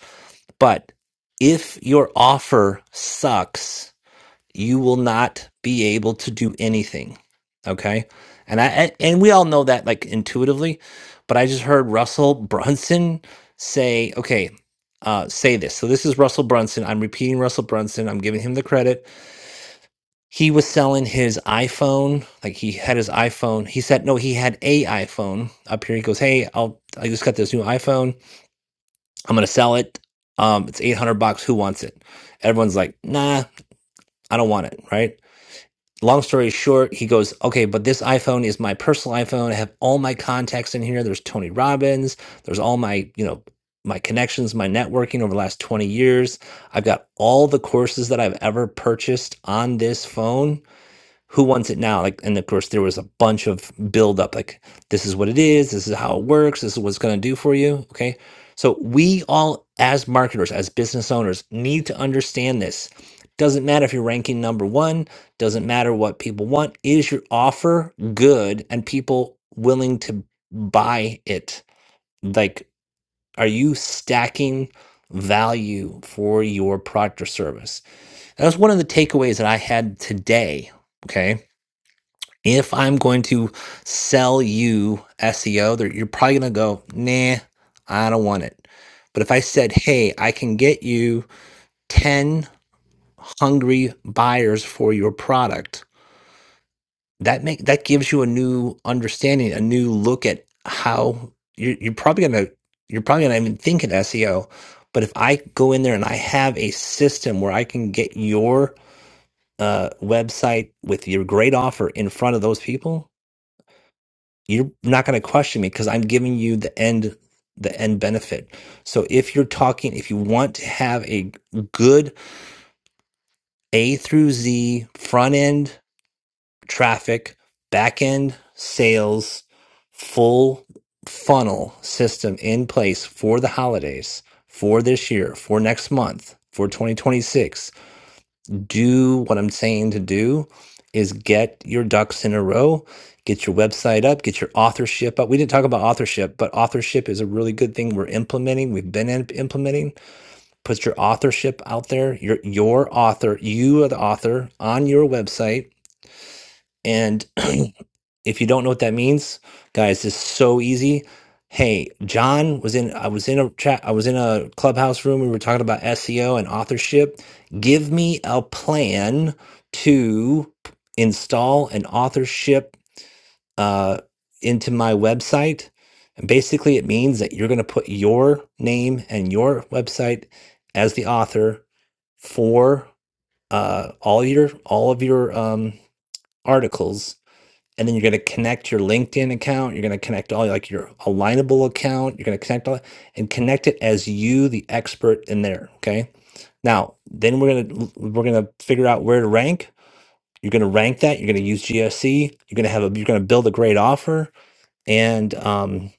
Speaker 2: But if your offer sucks, you will not be able to do anything. Okay. And I and and we all know that like intuitively, but I just heard Russell Brunson say, okay, uh, say this. So this is Russell Brunson. I'm repeating Russell Brunson. I'm giving him the credit. He was selling his iPhone. Like he had his iPhone. He said, no, he had a iPhone up here. He goes, hey, I'll I just got this new iPhone. I'm gonna sell it. Um, it's 800 bucks. Who wants it? Everyone's like, nah, I don't want it. Right long story short, he goes, okay, but this iPhone is my personal iPhone. I have all my contacts in here. There's Tony Robbins. There's all my, you know, my connections, my networking over the last 20 years. I've got all the courses that I've ever purchased on this phone who wants it now? Like, and of course, there was a bunch of build-up. Like, this is what it is. This is how it works. This is what it's going to do for you. Okay. So, we all, as marketers, as business owners, need to understand this. Doesn't matter if you're ranking number one, doesn't matter what people want. Is your offer good and people willing to buy it? Like, are you stacking value for your product or service? That was one of the takeaways that I had today. Okay if I'm going to sell you SEO, you're probably going to go, nah, I don't want it. But if I said, hey, I can get you 10 hungry buyers for your product, that make that gives you a new understanding, a new look at how you're, you're probably going to you're probably not even thinking SEO. But if I go in there and I have a system where I can get your uh, website with your great offer in front of those people, you're not going to question me because I'm giving you the end the end benefit. So if you're talking if you want to have a good A through Z front end traffic, back end sales, full funnel system in place for the holidays, for this year, for next month, for 2026, do what I'm saying to do is get your ducks in a row, get your website up, get your authorship up. We didn't talk about authorship, but authorship is a really good thing we're implementing. We've been imp- implementing. Put your authorship out there. Your your author, you are the author on your website. and. If you don't know what that means, guys, it's so easy. Hey, John was in I was in a chat I was in a clubhouse room. We were talking about SEO and authorship. Give me a plan to install an authorship uh, into my website. And basically it means that you're gonna put your name and your website as the author for uh, all your all of your um, articles and then you're going to connect your LinkedIn account. You're going to connect all like your alignable account. You're going to connect all and connect it as you, the expert in there. Okay. Now, then we're going to, we're going to figure out where to rank. You're going to rank that. You're going to use GSC. You're going to have a, you're going to build a great offer. And um,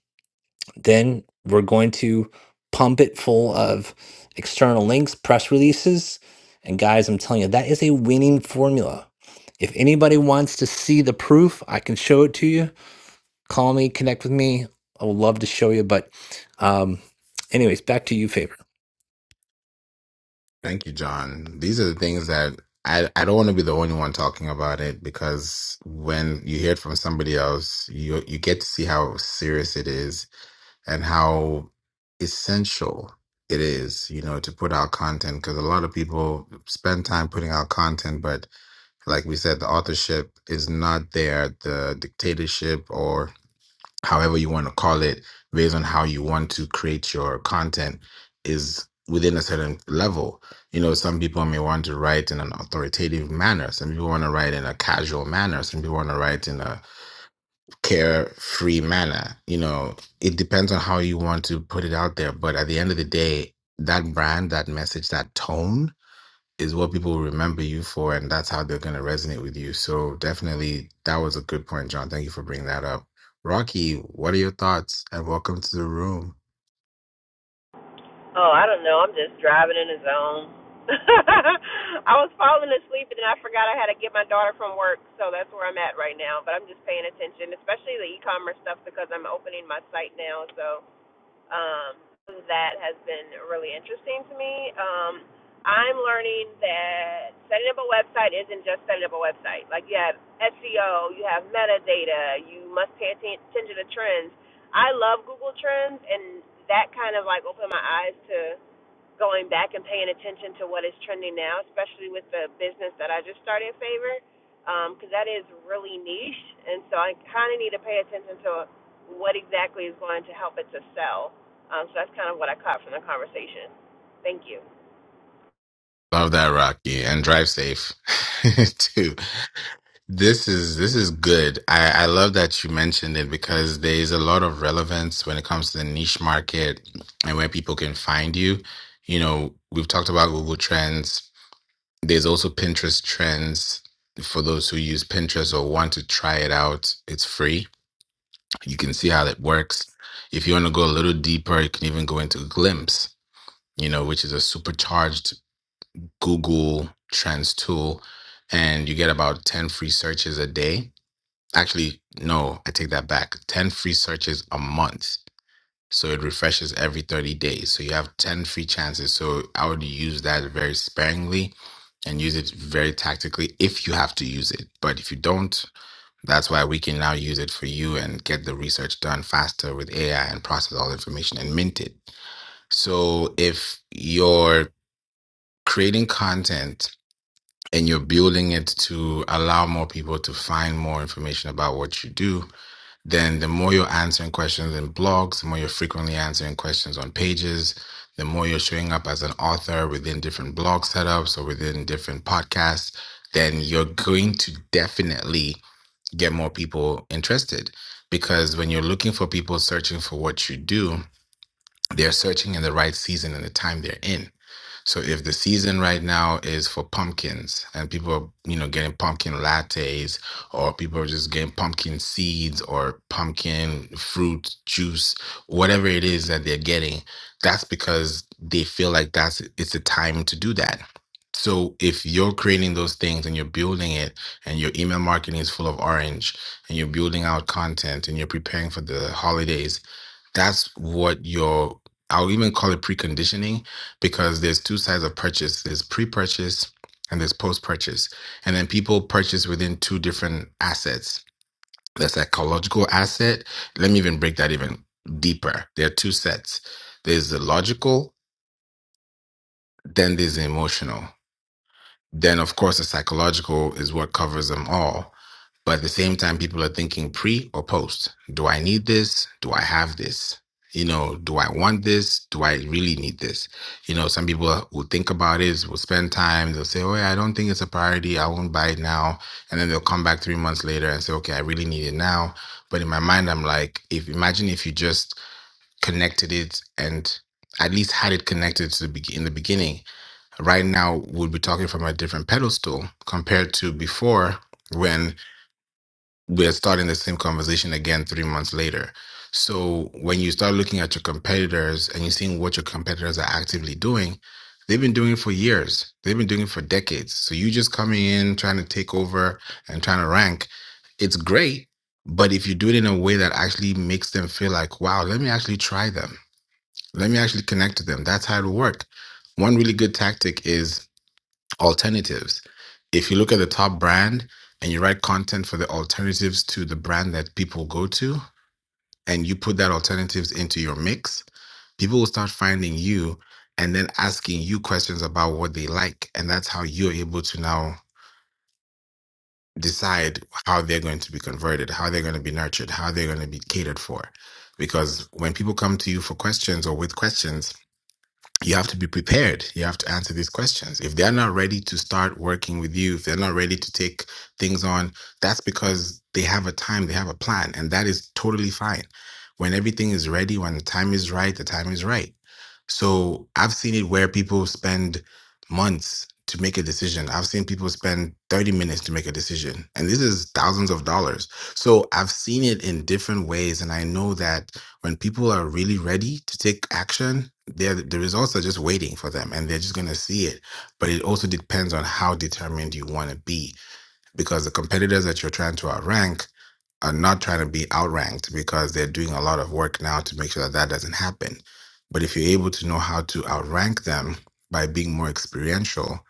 Speaker 2: then we're going to pump it full of external links, press releases. And guys, I'm telling you, that is a winning formula. If anybody wants to see the proof, I can show it to you call me, connect with me. I would love to show you. But, um, anyways, back to you, Favor.
Speaker 1: Thank you, John. These are the things that I, I don't want to be the only one talking about it because when you hear it from somebody else, you you get to see how serious it is and how essential it is, you know, to put out content because a lot of people spend time putting out content, but like we said, the authorship is not there. The dictatorship or however you want to call it, based on how you want to create your content, is within a certain level. You know, some people may want to write in an authoritative manner, some people want to write in a casual manner, some people want to write in a carefree manner. You know, it depends on how you want to put it out there. But at the end of the day, that brand, that message, that tone is what people remember you for, and that's how they're going to resonate with you. So definitely, that was a good point, John. Thank you for bringing that up. Rocky, what are your thoughts? And welcome to the room.
Speaker 3: Oh, I don't know. I'm just driving in the zone. I was falling asleep and then I forgot I had to get my daughter from work, so that's where I'm at right now. But I'm just paying attention, especially the e-commerce stuff because I'm opening my site now. So um, that has been really interesting to me. Um, I'm learning that setting up a website isn't just setting up a website. Like you have SEO, you have metadata, you must pay attention to trends. I love Google Trends, and that kind of like opened my eyes to going back and paying attention to what is trending now, especially with the business that I just started in favor, because um, that is really niche, and so I kind of need to pay attention to what exactly is going to help it to sell. Um, so that's kind of what I caught from the conversation. Thank you.
Speaker 1: Love that, Rocky, and drive safe too. This is this is good. I, I love that you mentioned it because there's a lot of relevance when it comes to the niche market and where people can find you. You know, we've talked about Google Trends, There's also Pinterest trends for those who use Pinterest or want to try it out. It's free. You can see how that works. If you want to go a little deeper, you can even go into Glimpse, you know, which is a supercharged Google Trends tool. And you get about 10 free searches a day. Actually, no, I take that back. 10 free searches a month so it refreshes every 30 days. So you have 10 free chances. So I would use that very sparingly and use it very tactically if you have to use it. But if you don't, that's why we can now use it for you and get the research done faster with AI and process all the information and mint it. So if you're creating content and you're building it to allow more people to find more information about what you do, then the more you're answering questions in blogs, the more you're frequently answering questions on pages, the more you're showing up as an author within different blog setups or within different podcasts, then you're going to definitely get more people interested. Because when you're looking for people searching for what you do, they're searching in the right season and the time they're in. So if the season right now is for pumpkins and people are, you know, getting pumpkin lattes or people are just getting pumpkin seeds or pumpkin fruit juice, whatever it is that they're getting, that's because they feel like that's it's a time to do that. So if you're creating those things and you're building it and your email marketing is full of orange and you're building out content and you're preparing for the holidays that's what your I'll even call it preconditioning because there's two sides of purchase. There's pre-purchase and there's post-purchase. And then people purchase within two different assets. The psychological asset. Let me even break that even deeper. There are two sets. There's the logical, then there's the emotional. Then of course the psychological is what covers them all. But at the same time, people are thinking pre or post. Do I need this? Do I have this? You know, do I want this? Do I really need this? You know, some people will think about it, will spend time, they'll say, Oh, yeah, I don't think it's a priority. I won't buy it now. And then they'll come back three months later and say, Okay, I really need it now. But in my mind, I'm like, if imagine if you just connected it and at least had it connected to the be- in the beginning. Right now, we'll be talking from a different pedestal compared to before when we're starting the same conversation again three months later. So when you start looking at your competitors and you're seeing what your competitors are actively doing, they've been doing it for years. They've been doing it for decades. So you just coming in trying to take over and trying to rank, it's great. But if you do it in a way that actually makes them feel like, wow, let me actually try them. Let me actually connect to them. That's how it'll work. One really good tactic is alternatives. If you look at the top brand and you write content for the alternatives to the brand that people go to, and you put that alternatives into your mix, people will start finding you and then asking you questions about what they like. And that's how you're able to now decide how they're going to be converted, how they're going to be nurtured, how they're going to be catered for. Because when people come to you for questions or with questions, you have to be prepared. You have to answer these questions. If they're not ready to start working with you, if they're not ready to take things on, that's because they have a time, they have a plan, and that is totally fine. When everything is ready, when the time is right, the time is right. So I've seen it where people spend months to make a decision. I've seen people spend 30 minutes to make a decision, and this is thousands of dollars. So I've seen it in different ways, and I know that when people are really ready to take action, they're, the results are just waiting for them and they're just going to see it. But it also depends on how determined you want to be because the competitors that you're trying to outrank are not trying to be outranked because they're doing a lot of work now to make sure that that doesn't happen. But if you're able to know how to outrank them by being more experiential,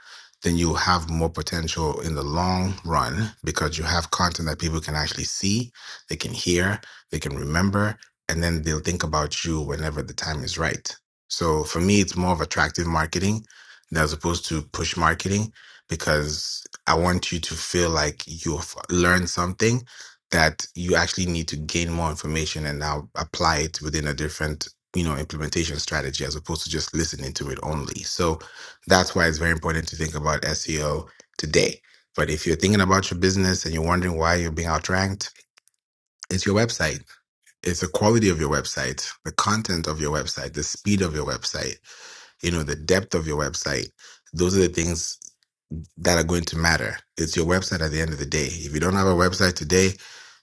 Speaker 1: then you have more potential in the long run because you have content that people can actually see, they can hear, they can remember, and then they'll think about you whenever the time is right. So for me, it's more of attractive marketing as opposed to push marketing because I want you to feel like you've learned something that you actually need to gain more information and now apply it within a different, you know, implementation strategy as opposed to just listening to it only. So that's why it's very important to think about SEO today. But if you're thinking about your business and you're wondering why you're being outranked, it's your website. It's the quality of your website, the content of your website, the speed of your website, you know, the depth of your website. Those are the things that are going to matter. It's your website at the end of the day. If you don't have a website today,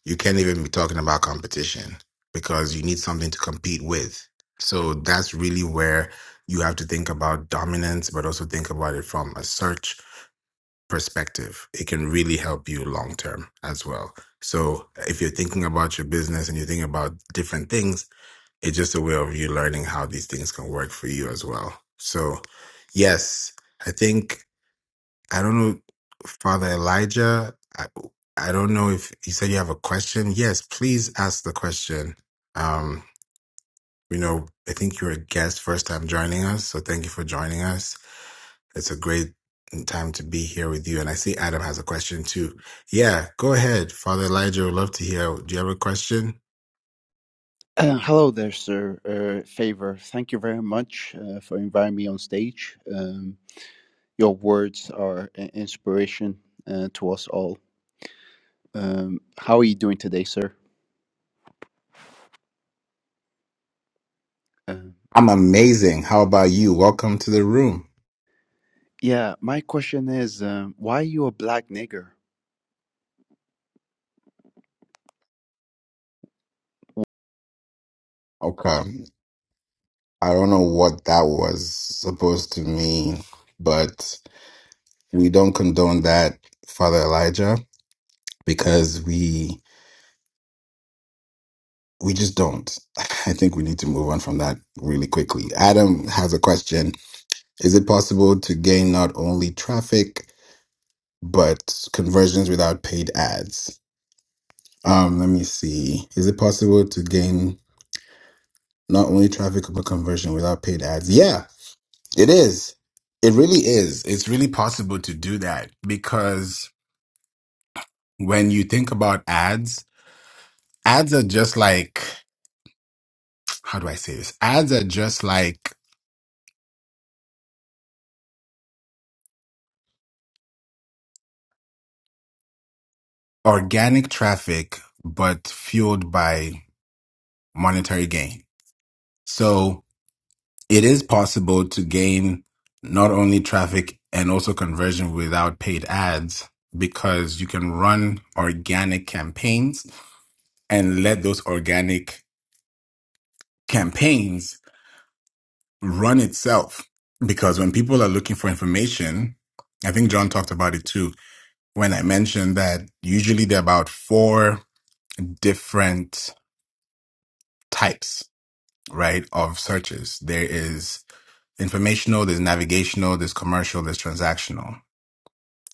Speaker 1: you can't even be talking about competition because you need something to compete with. So that's really where you have to think about dominance, but also think about it from a search perspective. It can really help you long term as well. So if you're thinking about your business and you think about different things, it's just a way of you learning how these things can work for you as well. So, yes, I think. I don't know, Father Elijah. I, I don't know if you said you have a question. Yes, please ask the question. Um, you know, I think you're a guest, first time joining us. So thank you for joining us. It's a great time to be here with you. And I see Adam has a question too. Yeah, go ahead, Father Elijah. Would love to hear. Do you have a question?
Speaker 4: Uh, hello there, sir. Uh, Favor, thank you very much uh, for inviting me on stage. Um, your words are an inspiration uh, to us all. Um, how are you doing today, sir? Uh,
Speaker 1: I'm amazing. How about you? Welcome to the room.
Speaker 4: yeah, my question is um, why are you a black nigger?
Speaker 1: Okay. I don't know what that was supposed to mean, but. We don't condone that, Father Elijah, because we we just don't. I think we need to move on from that really quickly. Adam has a question. Is it possible to gain not only traffic but conversions without paid ads? Um, let me see. Is it possible to gain not only traffic but conversion without paid ads? Yeah, it is. It really is. It's really possible to do that because when you think about ads, ads are just like how do I say this? Ads are just like organic traffic, but fueled by monetary gain. So it is possible to gain not only traffic and also conversion without paid ads because you can run organic campaigns and let those organic campaigns run itself. Because when people are looking for information, I think John talked about it too when I mentioned that usually they're about four different types, right, of searches. There is informational, there's navigational, there's commercial, there's transactional.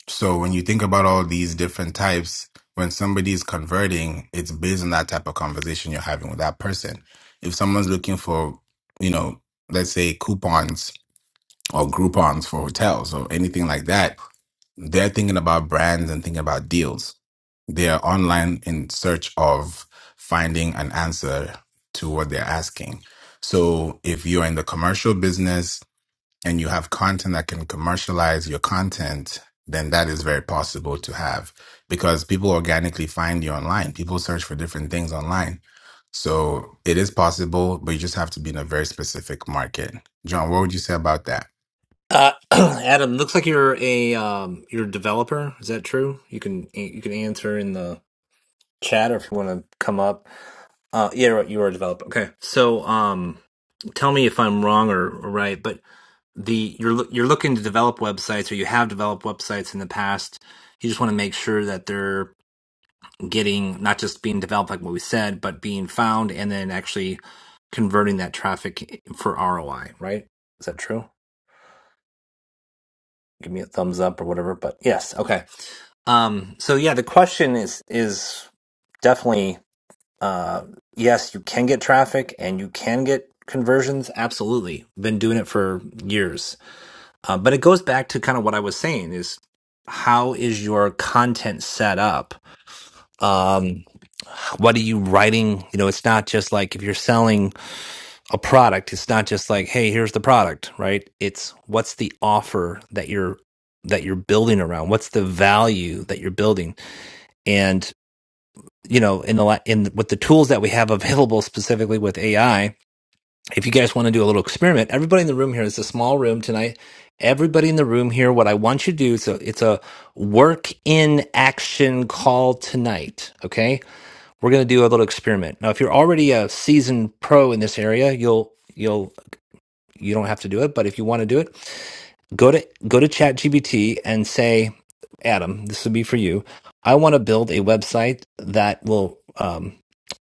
Speaker 1: So when you think about all these different types, when somebody is converting, it's based on that type of conversation you're having with that person. If someone's looking for, you know, let's say coupons or Groupons for hotels or anything like that, They're thinking about brands and thinking about deals. They are online in search of finding an answer to what they're asking. So if you're in the commercial business and you have content that can commercialize your content, then that is very possible to have because people organically find you online. People search for different things online. So it is possible, but you just have to be in a very specific market. John, what would you say about that?
Speaker 2: Uh, Adam, looks like you're a um, you're a developer. Is that true? You can you can answer in the chat or if you want to come up. Uh, yeah, right, you are a developer. Okay, so um, tell me if I'm wrong or, or right, but the you're loo- you're looking to develop websites or you have developed websites in the past. You just want to make sure that they're getting not just being developed like what we said, but being found and then actually converting that traffic for ROI, right? Is that true? Give me a thumbs up or whatever. But yes, okay. Um, so yeah, the question is is definitely uh, yes, you can get traffic and you can get conversions. Absolutely, been doing it for years. Uh, but it goes back to kind of what I was saying: is how is your content set up? Um, what are you writing? You know, it's not just like if you're selling a product, it's not just like, hey, here's the product, right? It's what's the offer that you're that you're building around? What's the value that you're building? And you know, in the la- in with the tools that we have available specifically with AI, if you guys want to do a little experiment, everybody in the room here, it's a small room tonight. Everybody in the room here, what I want you to do, so it's a work in action call tonight. Okay we're going to do a little experiment. Now, if you're already a seasoned pro in this area, you'll you'll you don't have to do it, but if you want to do it, go to go to ChatGPT and say, Adam, this would be for you. I want to build a website that will um,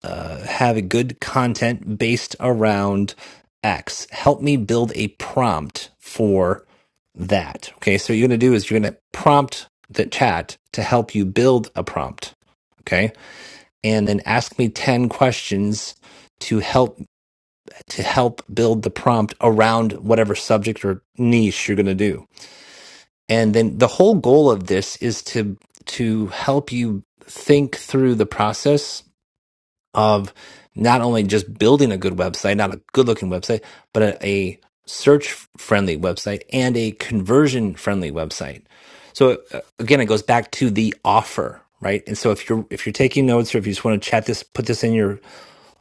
Speaker 2: uh, have a good content based around X. Help me build a prompt for that. Okay, so what you're going to do is you're going to prompt the chat to help you build a prompt. Okay and then ask me 10 questions to help to help build the prompt around whatever subject or niche you're going to do and then the whole goal of this is to to help you think through the process of not only just building a good website not a good looking website but a, a search friendly website and a conversion friendly website so uh, again it goes back to the offer right and so if you're if you're taking notes or if you just want to chat this put this in your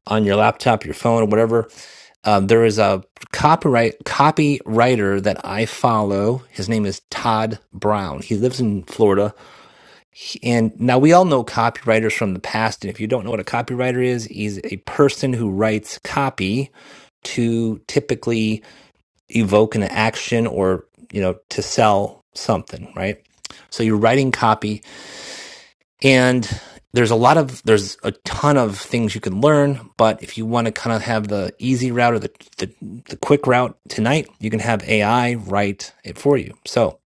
Speaker 2: on your laptop, your phone, or whatever. Um, there is a copyright copywriter that I follow. His name is Todd Brown. He lives in Florida, He- and now we all know copywriters from the past. And if you don't know what a copywriter is, he's a person who writes copy to typically evoke an action or you know to sell something, right? So you're writing copy and there's a lot of there's a ton of things you can learn, but if you want to kind of have the easy route or the, the the quick route tonight, you can have AI write it for you. So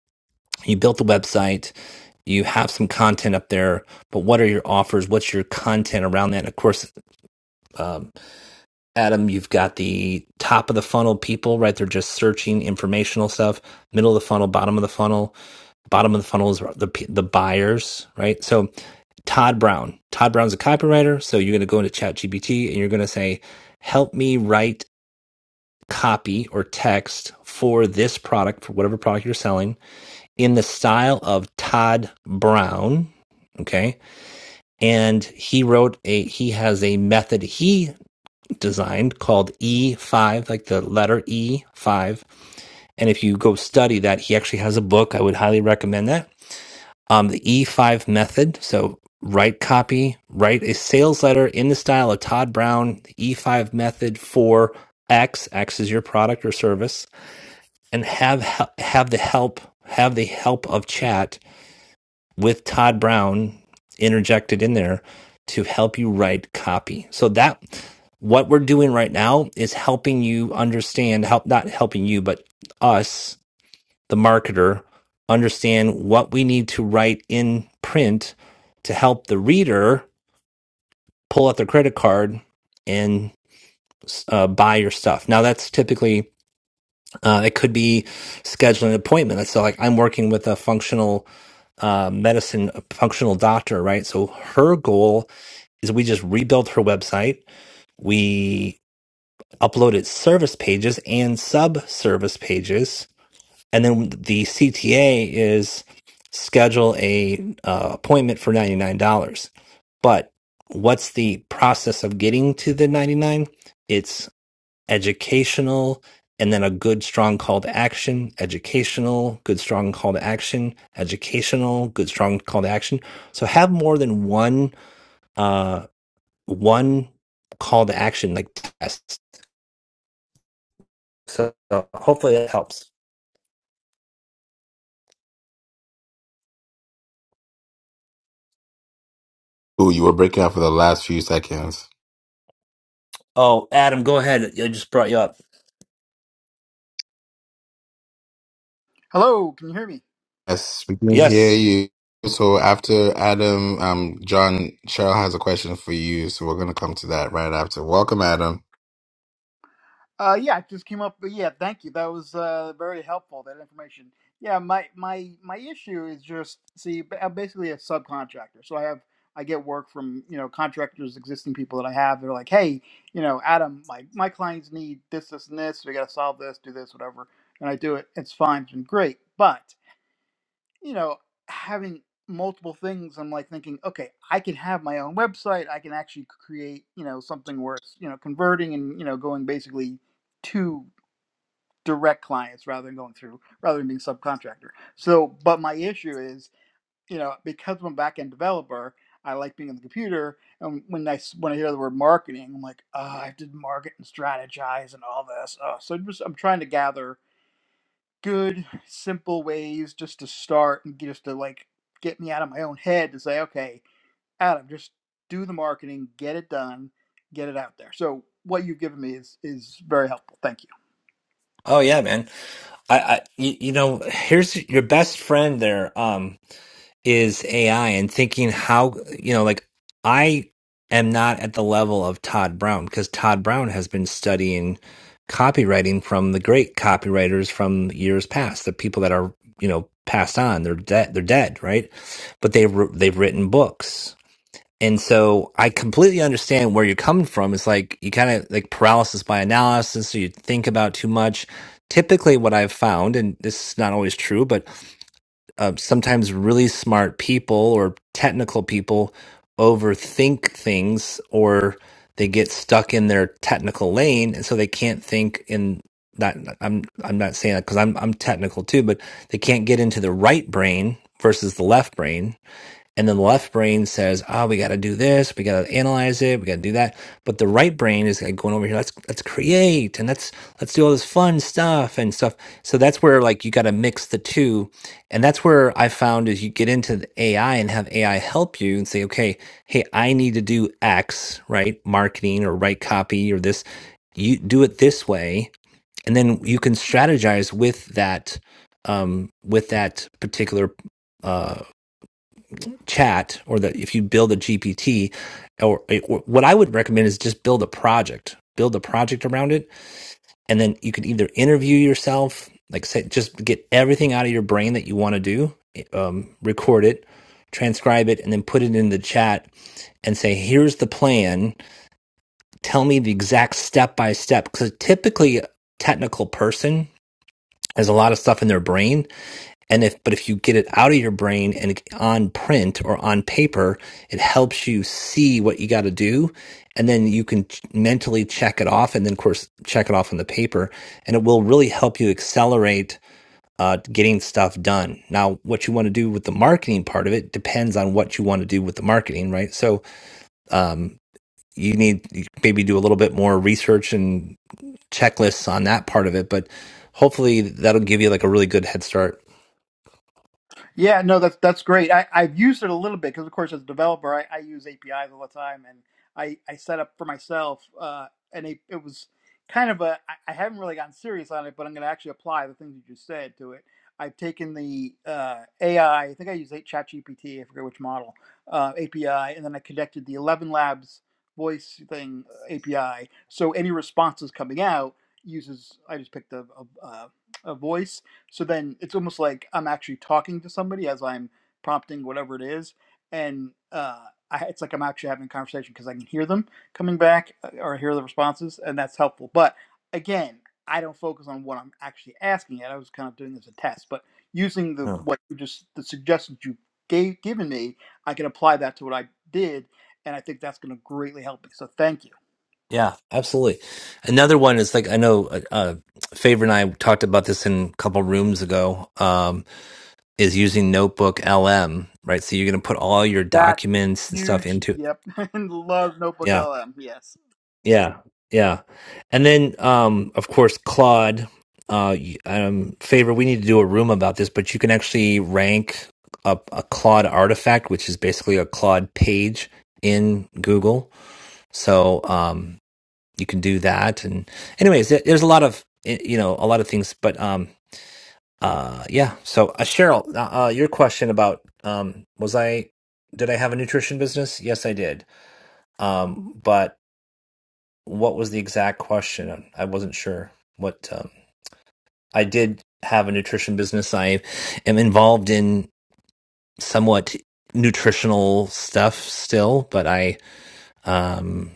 Speaker 2: you built the website, you have some content up there, but what are your offers? What's your content around that? And of course, um, Adam, you've got the top of the funnel people, right? They're just searching informational stuff. Middle of the funnel, bottom of the funnel, bottom of the funnel is the the buyers, right? So Todd Brown. Todd Brown's a copywriter, so you're going to go into ChatGPT and you're going to say, "Help me write copy or text for this product, for whatever product you're selling, in the style of Todd Brown." Okay, and he wrote a. He has a method he designed called E5, like the letter E5. And if you go study that, he actually has a book. I would highly recommend that Um, the E5 method. So write copy, write a sales letter in the style of Todd Brown, the E5 method for X. X is your product or service, and have have the help have the help of chat with Todd Brown interjected in there to help you write copy. So that what we're doing right now is helping you understand help not helping you but us the marketer, understand what we need to write in print to help the reader pull out their credit card and uh, buy your stuff. Now, that's typically, uh, it could be scheduling an appointment. So, like, I'm working with a functional uh, medicine, a functional doctor, right? So, her goal is we just rebuilt her website. We uploaded service pages and sub service pages And then the CTA is schedule a uh, appointment for $99. But what's the process of getting to the 99? It's educational and then a good strong call to action, educational, good strong call to action, educational, good strong call to action. So have more than one uh one call to action like test. So, so hopefully that helps.
Speaker 1: Oh, you were breaking up for the last few seconds.
Speaker 2: Oh, Adam, go ahead. I just brought you up.
Speaker 5: Hello, can you hear me?
Speaker 1: Yes, we can hear
Speaker 2: Yes.
Speaker 1: you. So after Adam, um, John, Cheryl has a question for you. So we're gonna come to that right after. Welcome, Adam.
Speaker 5: Uh, yeah, it just came up. But yeah, thank you. That was uh, very helpful. That information. Yeah, my my my issue is just see, ba- I'm basically a subcontractor. So I have I get work from you know contractors, existing people that I have. They're like, hey, you know, Adam, my my clients need this, this, and this. We got to solve this, do this, whatever, and I do it. It's fine. It's been great, but you know, having multiple things, I'm like thinking, okay, I can have my own website. I can actually create, you know, something where it's, you know, converting and, you know, going basically to direct clients rather than going through, rather than being subcontractor. So, but my issue is, you know, because I'm a back end developer, I like being on the computer. And when I, s- when I hear the word marketing, I'm like, oh, I have to market and strategize and all this. Oh, so just, I'm trying to gather good simple ways just to start and just to like get me out of my own head to say okay adam just do the marketing get it done get it out there so what you've given me is is very helpful thank you
Speaker 2: Oh yeah, man. I, I you, you know, here's your best friend there um is AI and thinking how, you know, like I am not at the level of Todd Brown because Todd Brown has been studying copywriting from the great copywriters from years past, the people that are, you know, passed on. They're dead, they're dead, right? But they wr- they've written books and so I completely understand where you're coming from. It's like you kind of like paralysis by analysis, so you think about too much. Typically, what I've found, and this is not always true, but uh, sometimes really smart people or technical people overthink things or they get stuck in their technical lane. And so they can't think in that. I'm, I'm not saying that because I'm, I'm technical too, but they can't get into the right brain versus the left brain and then the left brain says, "Ah, we got to do this. We got to analyze it. We got to do that." But the right brain is like going over here. Let's let's create and let's let's do all this fun stuff and stuff. So that's where like you got to mix the two, and that's where I found is you get into the AI and have AI help you and say, "Okay, hey, I need to do X, right? Marketing or write copy or this. You do it this way, and then you can strategize with that, um, with that particular." uh, chat or that if you build a GPT or, eh, or what I would recommend is just build a project, build a project around it. And then you can either interview yourself, like say, just get everything out of your brain that you want to do, eh, um, record it, transcribe it, and then put it in the chat and say, here's the plan. Tell me the exact step by step. Because typically, a technical person has a lot of stuff in their brain and if but if you get it out of your brain and on print or on paper it helps you see what you got to do and then you can ch- mentally check it off and then of course check it off on the paper and it will really help you accelerate uh, getting stuff done now what you want to do with the marketing part of it depends on what you want to do with the marketing right so um, you need you maybe do a little bit more research and checklists on that part of it but hopefully that'll give you like a really good head start
Speaker 5: Yeah, no, that's that's great. I, I've used it a little bit because, of course, as a developer, I, I use APIs all the time, and I, I set up for myself, uh, and it, it was kind of a I I haven't really gotten serious on it, but I'm going to actually apply the things you just said to it. I've taken the uh, AI, I I think I use ChatGPT, I forget which model uh, API, and then I connected the Eleven Labs voice thing uh, API. So any responses coming out uses I just picked a, a, uh, a voice so then it's almost like I'm actually talking to somebody as I'm prompting whatever it is, and uh, I, it's like I'm actually having a conversation because I can hear them coming back uh, or hear the responses, and that's helpful. But again, I don't focus on what I'm actually asking yet. I was kind of doing this as a test, but using the
Speaker 2: Oh,
Speaker 5: what you just the suggestions you gave given me, I can apply that to what I did, and I think that's going to greatly help me. So thank you.
Speaker 2: yeah, absolutely. Another one is like I know uh, uh, Favor and I talked about this in a couple rooms ago. Um, is using Notebook LM, right? So you're going to put all your
Speaker 5: That's a
Speaker 2: documents and stuff
Speaker 5: huge
Speaker 2: into.
Speaker 5: yep. and love Notebook
Speaker 2: Yeah,
Speaker 5: LM. Yes.
Speaker 2: yeah, yeah. And then, um, of course, Claude. Uh, y- um, Favor, we need to do a room about this, but you can actually rank up a Claude artifact, which is basically a Claude page in Google. So, um, you can do that. And anyways, there- there's a lot of eh, you know a lot of things, but um uh yeah. So uh, Cheryl, uh, uh, your question about um was I did I have a nutrition business? Yes, I did. Um, but what was the exact question? I wasn't sure what um, I did have a nutrition business. I am involved in somewhat nutritional stuff still, but I um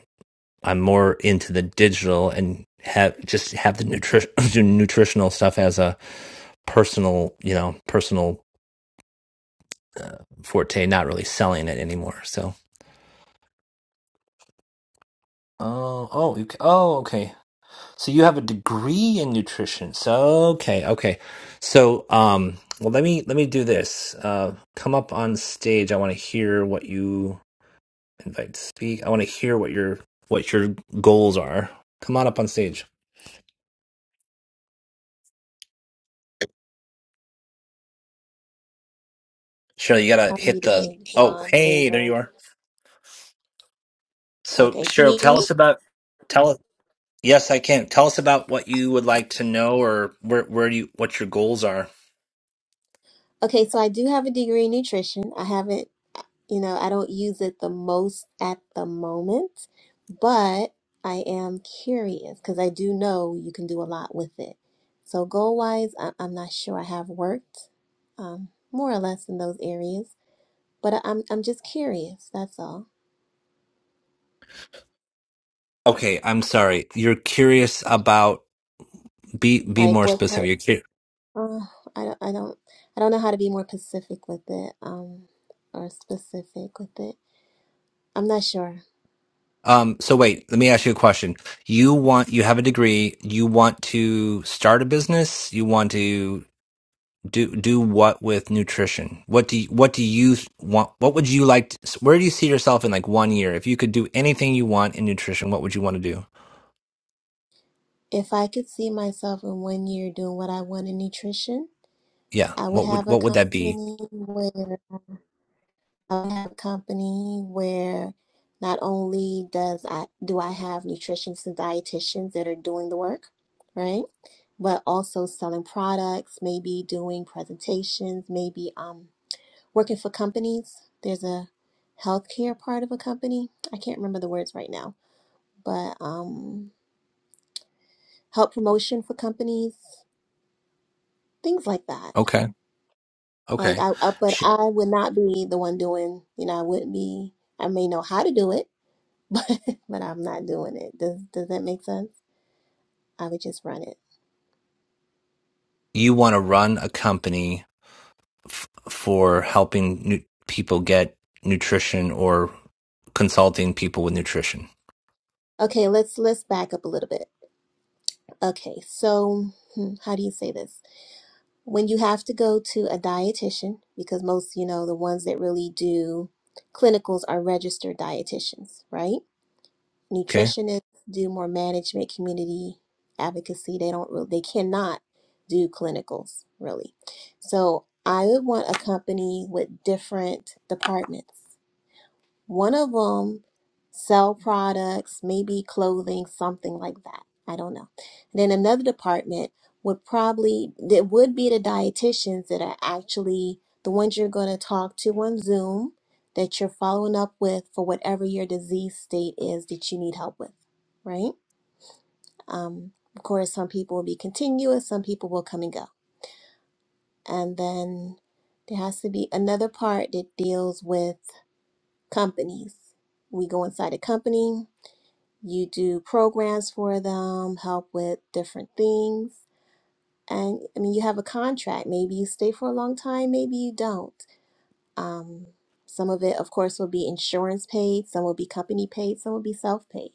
Speaker 2: I'm more into the digital and have just have the nutri- nutritional stuff as a personal, you know, personal uh, forte, not really selling it anymore. So, oh, oh, you, oh, okay. So you have a degree in nutrition. So, okay, okay. So, um, well, let me let me do this. Uh, come up on stage. I want to hear what you invite to speak. I want to hear what your what your goals are. Come on up on stage. Cheryl, you
Speaker 6: How are
Speaker 2: gotta
Speaker 6: you
Speaker 2: hit the.
Speaker 6: today,
Speaker 2: Oh,
Speaker 6: Juan?
Speaker 2: hey, there
Speaker 6: Favor.
Speaker 2: you are. So,
Speaker 6: Okay, can
Speaker 2: Cheryl,
Speaker 6: you hear
Speaker 2: tell
Speaker 6: me?
Speaker 2: us about. Tell us. Yes, I can. Tell us about what you would like to know, or where where do you what your goals are.
Speaker 6: Okay, so I do have a degree in nutrition. I haven't, you know, I don't use it the most at the moment, but I am curious because I do know you can do a lot with it. So goal wise, I- I'm not sure I have worked um, more or less in those areas, but I- I'm I'm just curious. That's all.
Speaker 2: Okay, I'm sorry. You're curious about. Be be
Speaker 6: Like
Speaker 2: more
Speaker 6: what
Speaker 2: specific.
Speaker 6: type?
Speaker 2: You're curious.
Speaker 6: Uh, I don't I don't I don't know how to be more specific with it. Um, or specific with it. I'm not sure.
Speaker 2: Um. So wait, let me ask you a question. You want you have a degree. You want to start a business. You want to. do do what with nutrition what do you, what do you want what would you like to, where do you see yourself in like one year if you could do anything you want in nutrition what would you want to do
Speaker 6: If I could see myself in one year doing what I want in nutrition,
Speaker 2: yeah
Speaker 6: I would
Speaker 2: what
Speaker 6: have
Speaker 2: would
Speaker 6: a
Speaker 2: what would that be
Speaker 6: company where I would have a company where not only does I do I have nutritionists and dietitians that are doing the work, right? But also selling products, maybe doing presentations, maybe um working for companies. There's a healthcare part of a company. I can't remember the words right now, but um help promotion for companies things like that.
Speaker 2: okay
Speaker 6: Like
Speaker 2: okay
Speaker 6: I, I but
Speaker 2: Sh-
Speaker 6: I would not be the one doing, you know, I wouldn't be I may know how to do it, but but I'm not doing it. Does does that make sense? I would just run it.
Speaker 2: you want to run a company f- for helping nu- people get nutrition or consulting people with nutrition
Speaker 6: Okay, let's let's back up a little bit. Okay, so hmm, how do you say this? When you have to go to a dietitian, because most, you know, the ones that really do clinicals are registered dietitians, right?
Speaker 2: okay
Speaker 6: nutritionists do more management community advocacy they don't really they cannot do clinicals really so i would want a company with different departments one of them sell products, maybe clothing, something like that. I don't know. then another department would probably that would be the dietitians that are actually the ones you're going to talk to on Zoom that you're following up with for whatever your disease state is that you need help with, right? Um, of course, some people will be continuous, some people will come and go. And then there has to be another part that deals with companies. We go inside a company, you do programs for them, help with different things. And I mean, you have a contract. Maybe you stay for a long time, maybe you don't. Um, some of it, of course, will be insurance paid, some will be company paid, some will be self paid.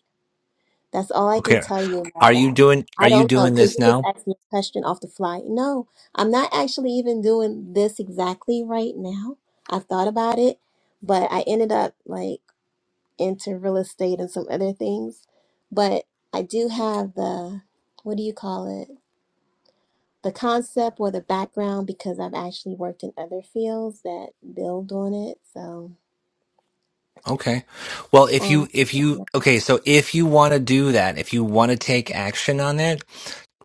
Speaker 6: That's all I can
Speaker 2: okay
Speaker 6: tell you about
Speaker 2: are you
Speaker 6: that.
Speaker 2: doing are
Speaker 6: I
Speaker 2: you
Speaker 6: don't know
Speaker 2: doing
Speaker 6: because
Speaker 2: this
Speaker 6: you just
Speaker 2: now
Speaker 6: asked me a question off the fly. No, I'm not actually even doing this exactly right now. I've thought about it, but I ended up like, into real estate and some other things. But I do have the, what do you call it? The concept or the background because I've actually worked in other fields that build on it. So,
Speaker 2: Okay. Well, if you
Speaker 6: um,
Speaker 2: if you okay, so if you want to do that, if you want to take action on it,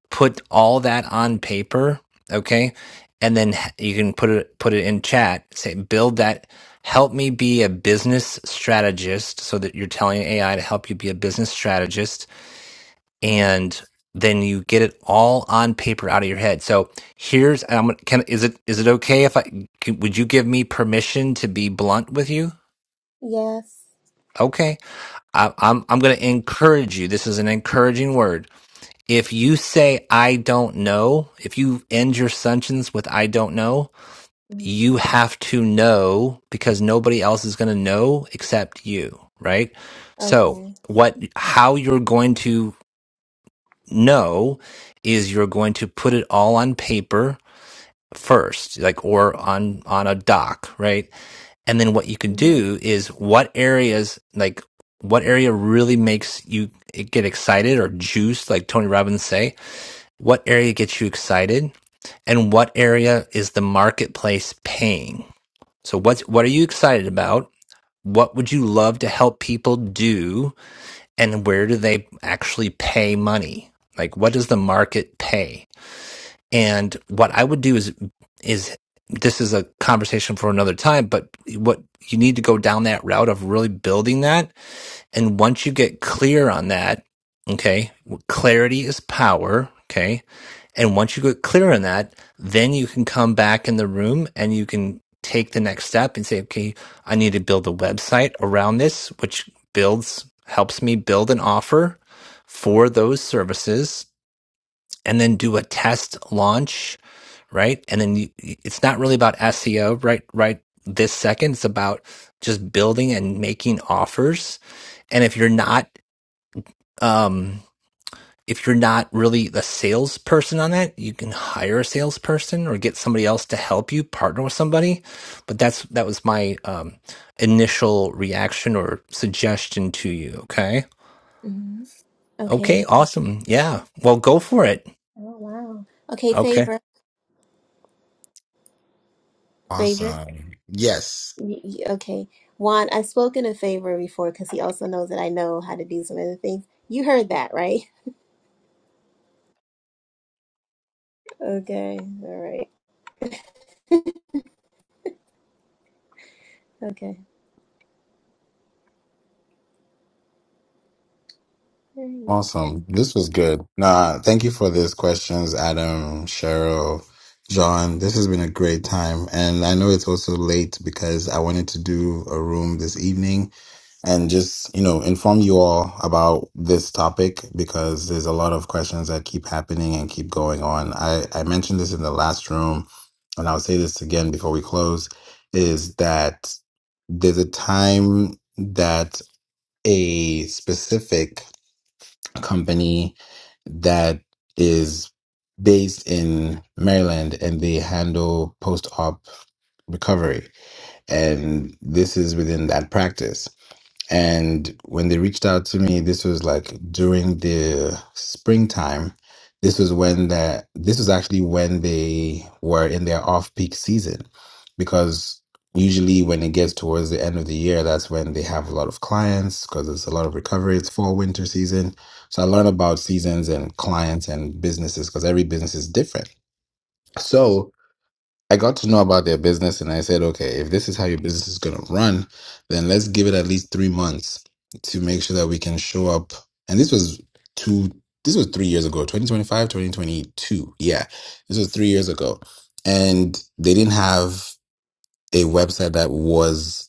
Speaker 2: put all that on paper, okay? And then h- you can put it put it in chat, say build that help me be a business strategist so that you're telling AI to help you be a business strategist
Speaker 6: uh,
Speaker 2: and then you get it all on paper out of your head. So here's I'm gonna- can is it is it okay if I can, would you give me permission to be blunt with you?
Speaker 6: yes.
Speaker 2: Okay. I, I'm I'm going to encourage you. This is an encouraging word. If you say I don't know, if you end your sentence with I don't know,
Speaker 6: Mm,
Speaker 2: you have to know because nobody else is going to know except you, right? So,
Speaker 6: Okay.
Speaker 2: what how you're going to know is you're going to put it all on paper first, like or on on a doc, right? And then what you can
Speaker 6: Mhm.
Speaker 2: do is what areas, like what area really makes you get excited or juiced, like Tony Robbins say, what area gets you excited and what area is the marketplace paying? So what's, what are you excited about? What would you love to help people do? And where do they actually pay money? Like what does the market pay? And what I would do is is this is a conversation for another time, but what you need to go down that route of really building that. And once you get clear on that, okay, clarity is power, okay? And once you get clear on that, then you can come back in the room and you can take the next step and say, okay, I need to build a website around this, which builds, helps me build an offer for those services and then do a test launch right? And then you, it's not really about SEO right right this second. It's about just building and making offers. And if you're not um if you're not really a salesperson on that, you can hire a salesperson or get somebody else to help you partner with somebody. But that's that was my um, initial reaction or suggestion to you. Okay.
Speaker 6: hmm Okay.
Speaker 2: Okay. Awesome. Yeah. Well, go for it.
Speaker 6: Oh, wow. Okay,
Speaker 2: Okay.
Speaker 6: favor, favor.
Speaker 1: Awesome. Yes.
Speaker 6: Y- y- Okay, Juan, I've spoken to favor before because he also knows that I know how to do some other things. You heard that, right? Okay, all right. Okay.
Speaker 1: Awesome. This was good. Nah, thank you for these questions, Adam, Cheryl, John. This has been a great time. And I know it's also late because I wanted to do a room this evening. and just you know inform you all about this topic because there's a lot of questions that keep happening and keep going on i i mentioned this in the last room and i'll say this again before we close is that there's a time that a specific company that is based in Maryland and they handle post op recovery. And this is within that practice. And when they reached out to me, this was like during the springtime. This was when that this was actually when they were in their off-peak season, because usually when it gets towards the end of the year, that's when they have a lot of clients because it's a lot of recovery. It's fall winter season, so I learned about seasons and clients and businesses because every business is different. So I got to know about their business and I said, okay, if this is how your business is going to run, then let's give it at least three months to make sure that we can show up. And this was two, this was three years ago, 2025, 2022. Yeah. This was three years ago. And they didn't have a website that was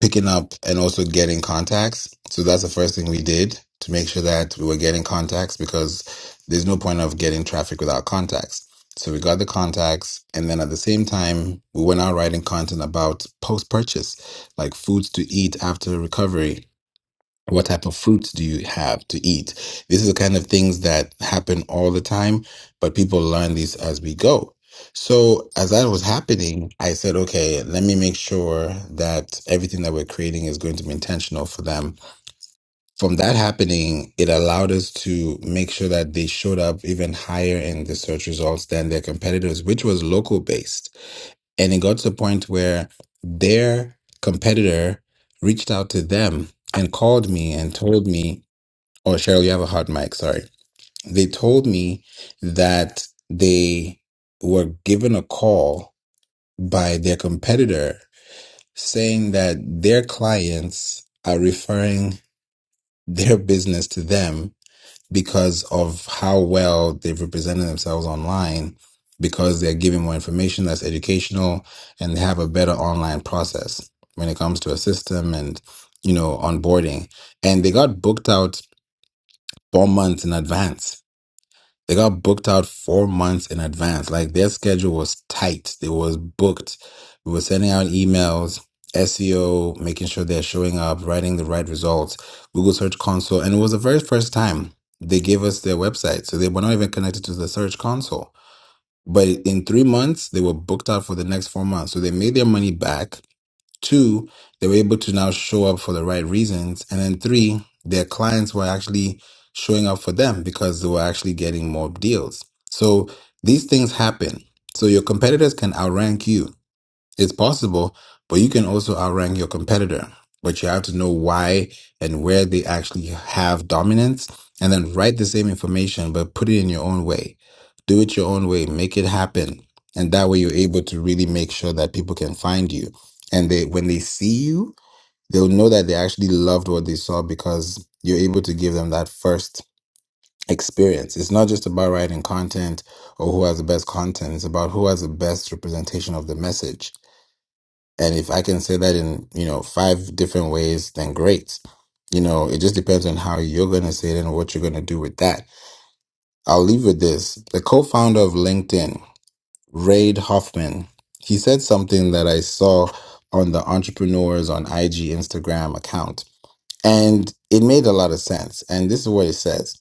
Speaker 1: picking up and also getting contacts. So that's the first thing we did to make sure that we were getting contacts because there's no point of getting traffic without contacts. So we got the contacts, and then at the same time, we went out writing content about post purchase, like foods to eat after recovery what type of fruits do you have to eat? This is the kind of things that happen all the time, but people learn these as we go. So as that was happening, I said, okay, let me make sure that everything that we're creating is going to be intentional for them. From that happening, it allowed us to make sure that they showed up even higher in the search results than their competitors, which was local based. And it got to the point where their competitor reached out to them and called me and told me Oh, Cheryl, you have a hot mic. Sorry. They told me that they were given a call by their competitor saying that their clients are referring their business to them because of how well they've represented themselves online, because they're giving more information that's educational and they have a better online process when it comes to a system and, you know, onboarding. And they got booked out four months in advance They got booked out four months in advance. Like their schedule was tight. They was booked. We were sending out emails, SEO, making sure they're showing up, writing the right results, Google Search Console. And it was the very first time they gave us their website. So they were not even connected to the Search Console. But in three months, they were booked out for the next four months. So they made their money back Two, they were able to now show up for the right reasons. And then three, their clients were actually showing up for them because they were actually getting more deals. So these things happen. So your competitors can outrank you it's possible, but you can also outrank your competitor. But you have to know why and where they actually have dominance, and then write the same information, but put it in your own way. Do it your own way, make it happen. And that way, you're able to really make sure that people can find you. And they, when they see you, they'll know that they actually loved what they saw because you're able to give them that first experience. It's not just about writing content or who has the best content, it's about who has the best representation of the message and if I can say that in, you know, five different ways, then great. You know, it just depends on how you're going to say it and what you're going to do with that. I'll leave with this. The co founder of LinkedIn, Reid Hoffman, he said something that I saw on the Entrepreneurs on IG Instagram account. And it made a lot of sense. And this is what it says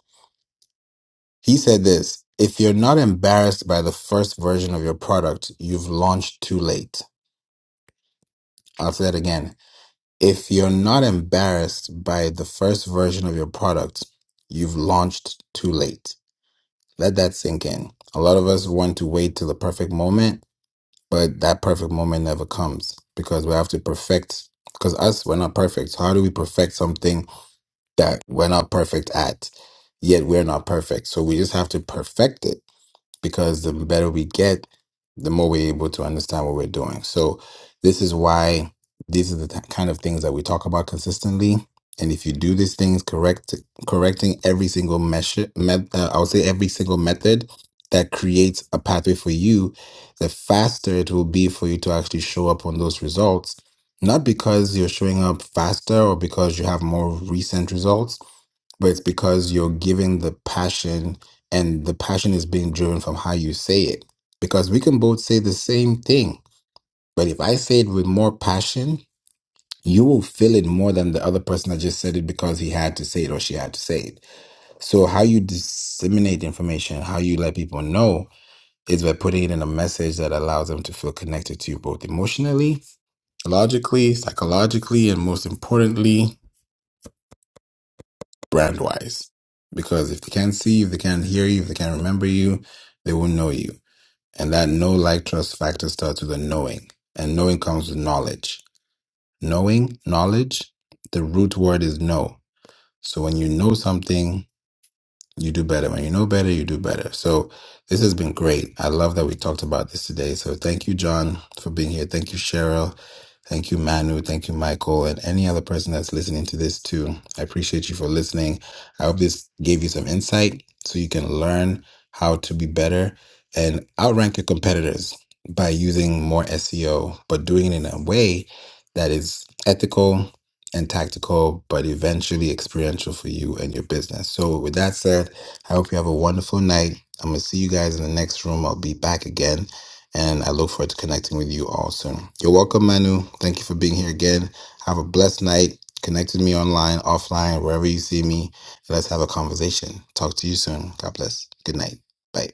Speaker 1: He said this If you're not embarrassed by the first version of your product, you've launched too late. I'll say that again If you're not embarrassed by the first version of your product, you've launched too late. Let that sink in. A lot of us want to wait till the perfect moment, but that perfect moment never comes because we have to perfect, because us, we're not perfect. How do we perfect something that we're not perfect at? Yet we're not perfect. So we just have to perfect it because the better we get, the more we're able to understand what we're doing. So, this is why these are the th- kind of things that we talk about consistently. And if you do these things correct, correcting every single measure, met, uh, I would say every single method that creates a pathway for you, the faster it will be for you to actually show up on those results. Not because you're showing up faster or because you have more recent results, but it's because you're giving the passion and the passion is being driven from how you say it because we can both say the same thing but if i say it with more passion you will feel it more than the other person that just said it because he had to say it or she had to say it so how you disseminate information how you let people know is by putting it in a message that allows them to feel connected to you both emotionally logically psychologically and most importantly brand wise. Because if they can't see you, if they can't hear you, if they can't remember you, they will not know you. And that no like trust factor starts with a knowing. And knowing comes with knowledge. Knowing, knowledge, the root word is know. So when you know something, you do better. When you know better, you do better. So this has been great. I love that we talked about this today. So thank you, John, for being here. Thank you, Cheryl. Thank you, Manu. Thank you, Michael, and any other person that's listening to this too. I appreciate you for listening. I hope this gave you some insight so you can learn how to be better and outrank your competitors by using more SEO, but doing it in a way that is ethical and tactical, but eventually experiential for you and your business. So, with that said, I hope you have a wonderful night. I'm going to see you guys in the next room. I'll be back again and I look forward to connecting with you all soon. You're welcome, Manu. Thank you for being here again. Have a blessed night. Connect with me online, offline, wherever you see me. Let's have a conversation. Talk to you soon. God bless. Good night. Bye.